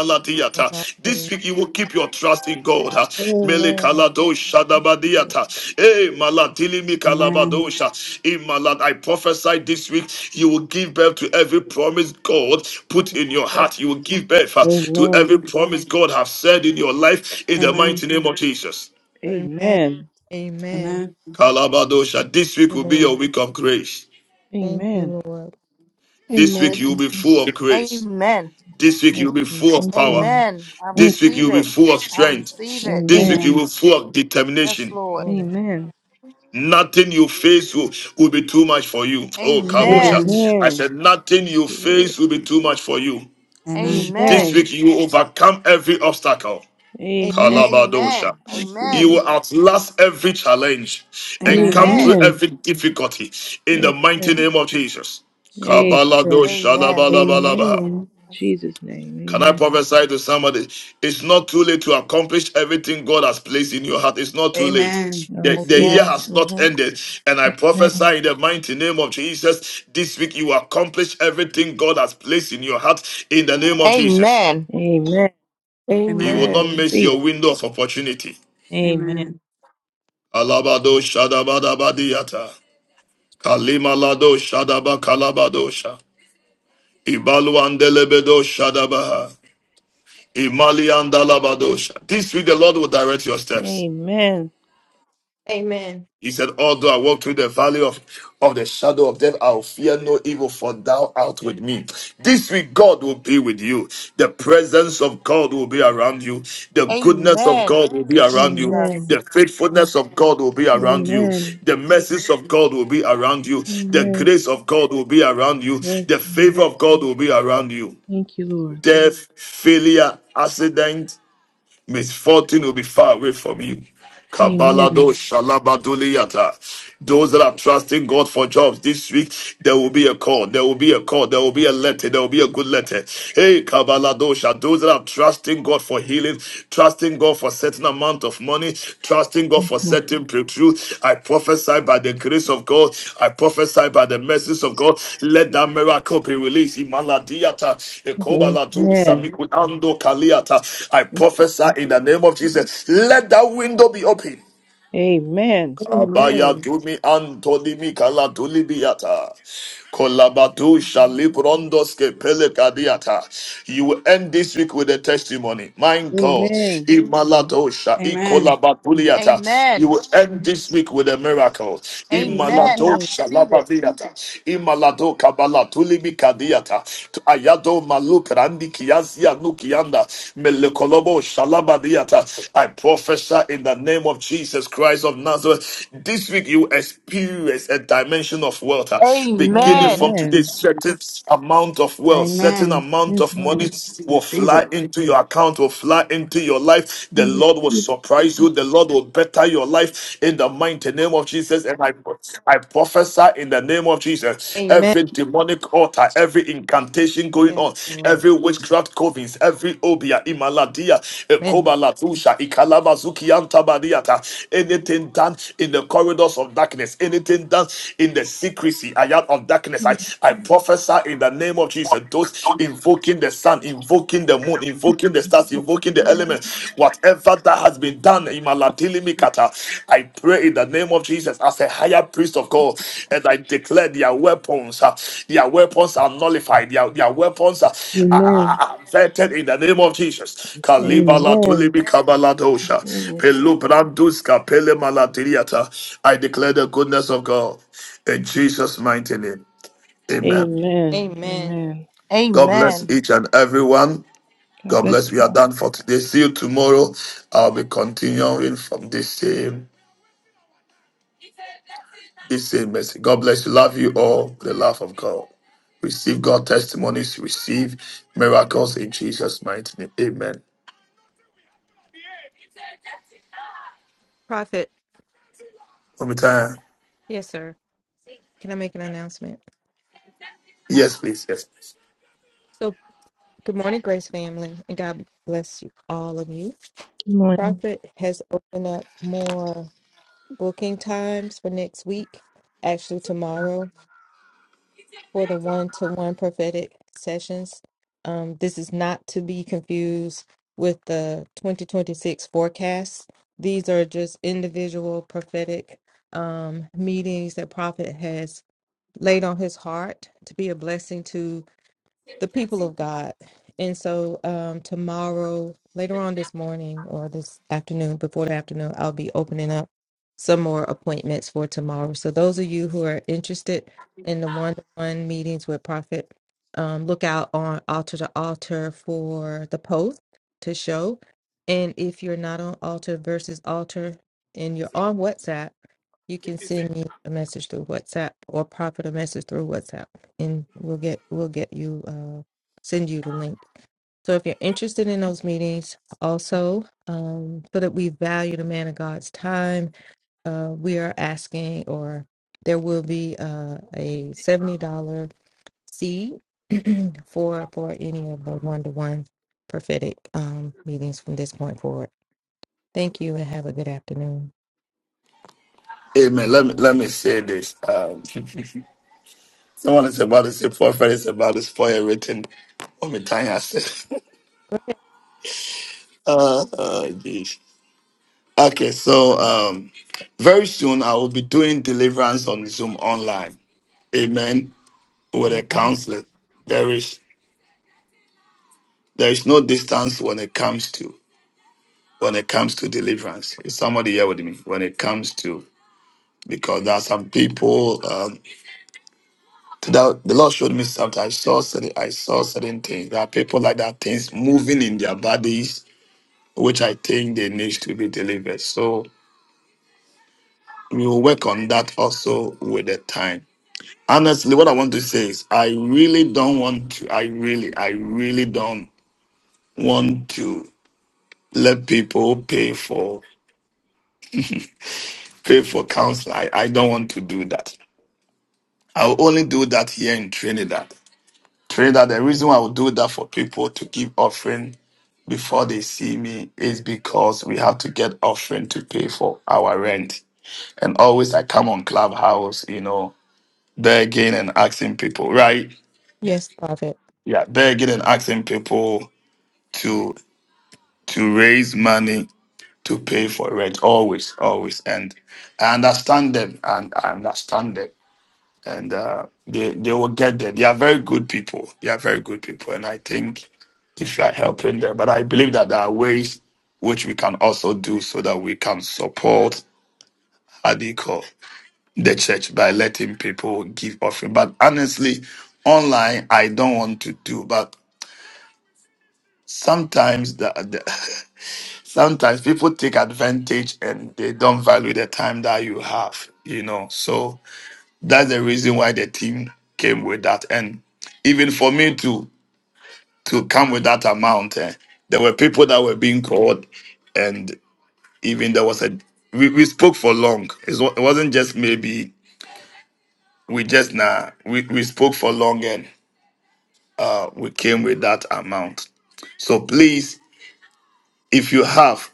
S7: Will not worry.
S1: This week you will keep your trust in God. uh,
S12: Amen.
S1: Melekalado Shadaba Diata. Eh, Maladili
S16: Amen.
S1: Mikalabadosha. Imalad. I prophesy this week you will give birth to every promise God put in your
S7: Lord.
S1: heart. You will give birth
S12: Amen.
S1: uh, to
S12: Amen.
S1: every promise God has said in your life in the mighty
S16: Amen.
S1: name of Jesus.
S7: Amen.
S12: Amen.
S7: Amen.
S16: Amen.
S1: Kalabadosha. This week
S7: Thank
S1: will
S7: you,
S1: be your
S7: Lord.
S1: week of grace.
S7: Thank
S12: Amen.
S7: you, Lord.
S1: This week you
S10: Amen.
S1: will be full of grace.
S15: Amen.
S1: This week
S12: Yes,
S1: you'll be
S12: Lord.
S1: full of
S12: Thank you,
S1: power.
S12: Lord.
S15: Amen. I
S12: Thank
S1: This
S12: you.
S1: week
S15: receive
S1: you'll be
S15: it.
S1: full of
S15: I receive
S1: strength.
S15: it.
S1: This
S12: Amen.
S7: Amen.
S1: week you will
S16: Amen.
S1: be full of
S15: Yes,
S1: determination.
S15: Lord.
S7: Lord.
S12: Amen.
S1: Nothing you face will, will be too much for you. Oh,
S15: Amen.
S16: Amen.
S1: Kabosha. I
S12: Amen.
S1: said, nothing
S12: Thank
S1: you
S12: you, Lord.
S1: face will be too much for you.
S16: Amen. Amen.
S1: This
S15: Amen.
S12: Amen.
S1: week you will overcome every obstacle.
S12: Amen.
S7: Amen.
S1: Kalabadosha.
S15: Amen.
S12: Thank you,
S1: You
S15: Amen.
S12: Lord.
S1: will outlast every challenge and come through
S15: Amen.
S12: Amen.
S1: every difficulty in the mighty
S12: Amen.
S1: name of Jesus.
S15: Jesus.
S12: Amen. In
S1: Kabaladosha,
S15: Amen.
S1: labalabalaba.
S10: Amen.
S15: That's-
S12: Jesus' name.
S1: Can I
S12: Amen.
S1: prophesy to somebody? It's not too late to accomplish everything God has placed in your heart. It's not too late.
S16: Amen.
S12: I
S1: The, the
S12: receive it.
S1: year
S15: Amen.
S1: has not
S15: hmm
S1: ended. And I
S12: Amen.
S1: prophesy in the mighty name of Jesus. This week you accomplish everything God has placed in your heart in the name of Jesus.
S15: Amen.
S12: Amen.
S1: You will not
S10: Amen.
S1: miss
S12: Receive it.
S1: your window of opportunity.
S12: Amen.
S16: Amen.
S1: Alabado shadabadabadiyata. Kalimalado shadaba kalabadosha. Ibaluandelebedo shadabaha. Imaliandalabadosha. This week the Lord will direct your steps.
S12: Amen.
S7: Amen.
S1: He said, Although I walk through the valley of, of the shadow of death, I'll fear no evil, for thou art with me. This week, God will be with you. The presence of God will be around you. The goodness of
S15: Amen.
S1: God will be around you.
S15: Jesus.
S12: Amen.
S1: The faithfulness of God will be around you.
S12: Amen.
S1: The mercies of God will be around you. The
S12: Amen.
S1: grace of God will be around you.
S12: Yes,
S1: The
S12: Lord.
S1: favor of God will be around you.
S12: Thank you, Lord.
S1: Death, failure, accident, misfortune will be far away from you. Kabalado
S12: Amen.
S1: Shalabaduliyata. Those that are trusting God for jobs this week, there will be a call. There will be a call. There will be a letter. There will be a good letter. Hey, Kabaladosha. Those that are trusting God for healing, trusting God for certain amount amount of money, trusting God
S12: Yes,
S1: for
S12: Lord.
S1: certain breakthrough. I prophesy by the grace of God. I prophesy by the mercies of God. Let that miracle be released.
S12: Amen.
S1: I prophesy in the name of Jesus. Let that window be open.
S12: Amen.
S1: Abaya
S10: Amen.
S1: dumi antolimi kala tulibiata. Kolabatu shalibrondoske pelekadiata. You will end this week with a testimony. My God.
S12: Amen.
S16: Amen.
S1: Imaladosha
S16: Amen.
S1: ikolabatuliata. You
S15: Amen.
S1: will end this week with a miracle.
S15: Amen. I
S12: Amen.
S1: Imaladosha
S15: receive it.
S1: labadiata. Imalado kabala tulimi kadiata. Ayado maluk Nukianda, Melekolobo Shalabadiata. I prophesy in the name of Jesus Christ of Nazareth. This week you experience a dimension of wealth, uh, beginning from
S15: Amen.
S1: today,
S12: Amen.
S1: certain amount of wealth, certain
S16: Amen.
S1: amount
S12: Yes,
S1: of money
S12: Lord.
S1: will
S12: Receive it.
S1: fly into your account, will fly into your life. The Lord will
S12: Receive it.
S1: surprise you. The Lord will better your life in the mighty name of Jesus. And I, I I prophesy in the name of Jesus.
S7: Amen.
S1: Every demonic altar, every incantation going
S7: Yes,
S1: on,
S7: Lord.
S1: every witchcraft covens, every obia, imaladia,
S7: Amen.
S1: ekoba latusha, ikalabazuki antabadiata, anything done in the corridors of darkness, anything done in the secrecy I am of darkness. I, I prophesy in the name of Jesus. Those invoking the sun, invoking the moon, invoking the stars, invoking the element. Whatever that has been done in Malatilimikata, I pray in the name of Jesus as a higher priest of God, and I declare their weapons, uh, their weapons are nullified, their, their weapons are, are, are
S12: Amen.
S1: are vetted in the name of Jesus. Kalibala
S12: Amen.
S1: tulibikabaladosha, pelubranduska pelemalatiriata. I declare the goodness of God in Jesus' mighty name. Amen.
S12: Amen.
S7: Amen.
S12: Amen.
S1: God bless
S15: Amen.
S1: each and everyone.
S12: God
S1: God
S12: bless
S1: bless. We are
S12: you.
S1: done for today. See you tomorrow. I'll be continuing from this same this same message. God bless you. Love you all. The love of God. Receive God testimonies. Receive miracles in Jesus' mighty name. Amen.
S7: Prophet.
S1: One more time.
S7: Yes, sir. Can I make an announcement?
S1: Yes, please. Yes. please.
S7: So. Good morning, Grace family, and God bless you, all of you.
S12: Good morning.
S7: Prophet has opened up more booking times for next week, actually tomorrow, for the one-to-one prophetic sessions. Um, this is not to be confused with the 2026 forecast. These are just individual prophetic um, meetings that Prophet has laid on his heart to be a blessing to the people of God. And so um, tomorrow, later on this morning or this afternoon, before the afternoon, I'll be opening up some more appointments for tomorrow. So those of you who are interested in the one-to-one meetings with Prophet, um, look out on Altar to Altar for the post to show. And if you're not on Altar versus Altar and you're on WhatsApp, you can send me a message through WhatsApp or Prophet a message through WhatsApp and we'll get we'll get you uh, send you the link. So if you're interested in those meetings, also um, so that we value the man of God's time, uh, we are asking, or there will be uh, a seventy dollar seed for for any of the one to one prophetic um, meetings from this point forward. Thank you, and have a good afternoon.
S1: Amen. Let me let me say this. Um, someone is about to say prophet is about to spoil everything. One more time. I said.
S7: Go ahead.
S1: uh, uh, geez. Okay. So um, very soon I will be doing deliverance on Zoom online. amen with a
S15: Amen.
S1: counselor there is there is no distance when it comes to when it comes to deliverance is somebody here with me when it comes to because there are some people um that the lord showed me something i saw certain i saw certain things there are people like that things moving in their bodies which i think they need to be delivered so we will work on that also with the time honestly what i want to say is i really don't want to i really i really don't want to Let people pay for pay for counsel. I, I don't want to do that. I'll only do that here in Trinidad. Trinidad, the reason why I will do that for people to give offering before they see me is because we have to get offering to pay for our rent. And always I come on Clubhouse, you know, begging and asking people, right?
S7: Yes, Prophet.
S1: Yeah, begging and asking people to to raise money to pay for rent always always and i understand them and i understand them and uh, they they will get there they are very good people they are very good people and i think if you are helping them but i believe that there are ways which we can also do so that we can support how do you call the church by letting people give offering but honestly online i don't want to do but sometimes that. sometimes people take advantage and they don't value the time that you have, you know. So that's the reason why the team came with that. And even for me to to come with that amount, eh, there were people that were being called, and even there was a we, we spoke for long. It's, wa- it wasn't just maybe we just nah we, we spoke for long and uh we came with that amount. So please, if you have.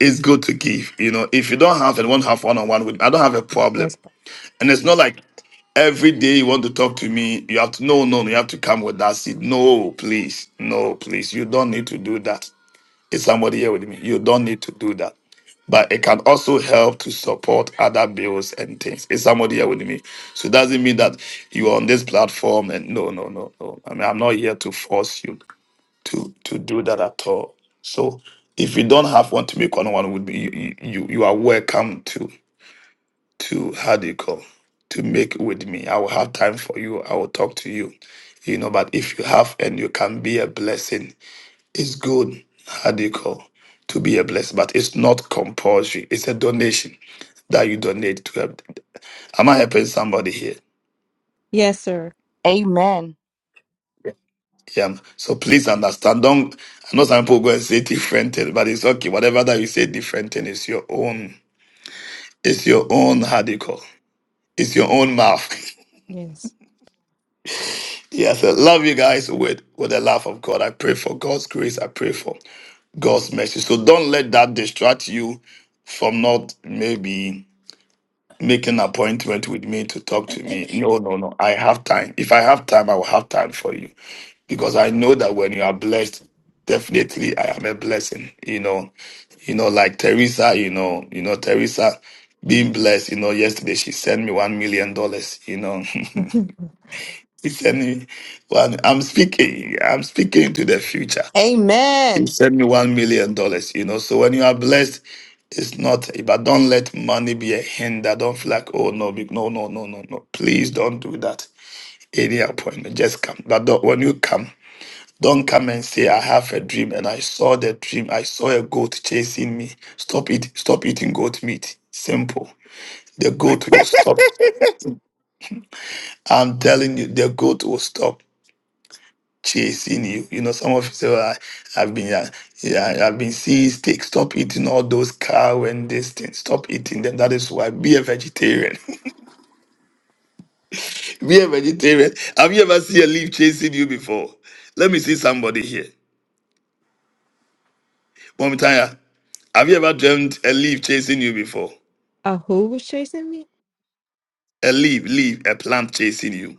S1: it's good to give. You know, if you don't have and want to have one on one with, me, I don't have a problem.
S7: Yes, Prophet.
S1: And it's not like every day you want to talk to me. You have to no, no, no. You have to come with that seat. No, please, no, please. You don't need to do that. Is somebody here with me? You don't need to do that. But it can also help to support other bills and things. Is somebody here with me? So it doesn't mean that you're on this platform and no, no, no, no. I mean, I'm not here to force you to to do that at all. So if you don't have one to make one one with me, you you, you are welcome to to how do you call to make with me. I will have time for you. I will talk to you. You know, but if you have and you can be a blessing, it's good. How do you call to be a blessing? But it's not compulsory. It's a donation that you donate to help. Am I helping somebody here?
S7: yes, sir.
S15: Amen.
S1: Yeah. So please understand. Don't I know some people go and say different thing, but it's okay. Whatever that you say different thing, it's your own. It's your own how do you call? It's your own mouth.
S7: Yes.
S1: yes. I love you guys with with the love of God. I pray for God's grace. I pray for God's mercy. So don't let that distract you from not maybe. make an appointment with me to talk to me. No, no, no. I have time. If I have time, I will have time for you because I know that when you are blessed, definitely I am a blessing. You know, you know, like Teresa. You know, you know Teresa being blessed. You know, yesterday she sent me one million dollars. You know, she sent me one. I'm speaking. I'm speaking to the future. You
S15: Amen.
S1: send me one million dollars, you know. So when you are blessed, it's not but don't let money be a hinder. Don't feel like, oh no, be- no, no, no, no, no. Please don't do that. Any appointment, just come. But don't, when you come, don't come and say, I have a dream and I saw the dream. I saw a goat chasing me. Stop it, stop eating goat meat. Simple. The goat will stop. I'm telling you, the goat will stop. chasing you. You know, some of you say, "Oh, I, I've been, uh, yeah, I've been seeing steak. Stop eating all those cow and these things. Stop eating them. That is why be a vegetarian. be a vegetarian. Have you ever seen a leaf chasing you before? Let me see somebody here. Momitaya, have you ever dreamt a leaf chasing you before?
S7: Uh, who was chasing me?
S1: A leaf, leaf, a plant chasing you.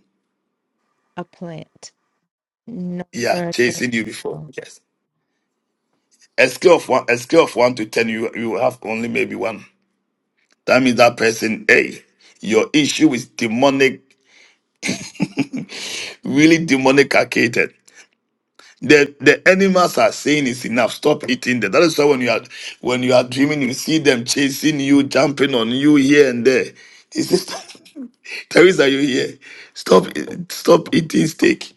S7: A plant. No,
S1: Yeah,
S7: sir, I can't.
S1: chasing you before. Yes. A scale of one, a scale of one to ten, you you have only maybe one. That means that person, hey, your issue is demonic really demonicated. The the animals are saying it's enough. Stop eating them. That is why when you are when you are dreaming, you see them chasing you, jumping on you here and there. This is Teresa, you here? Stop stop eating steak.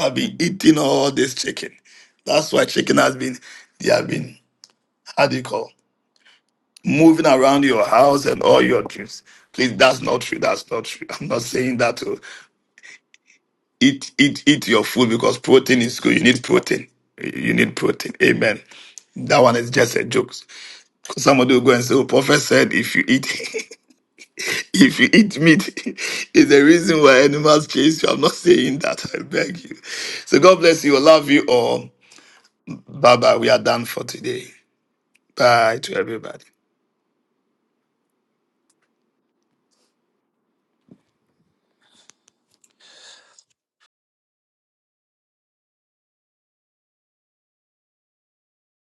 S1: I've been eating all this chicken. That's why chicken has been they have been how do you call moving around your house and all your dreams. Please, that's not true. That's not true. I'm not saying that. oh. Eat, eat, eat your food because protein is good. You need protein. You need protein. Amen. That one is just a joke. Somebody will go and say, "Oh, prophet said if you eat, if you eat meat, is the reason why animals chase you." I'm not saying that. I beg you. So God bless you. I love you all. Bye bye. We are done for today. Bye to everybody.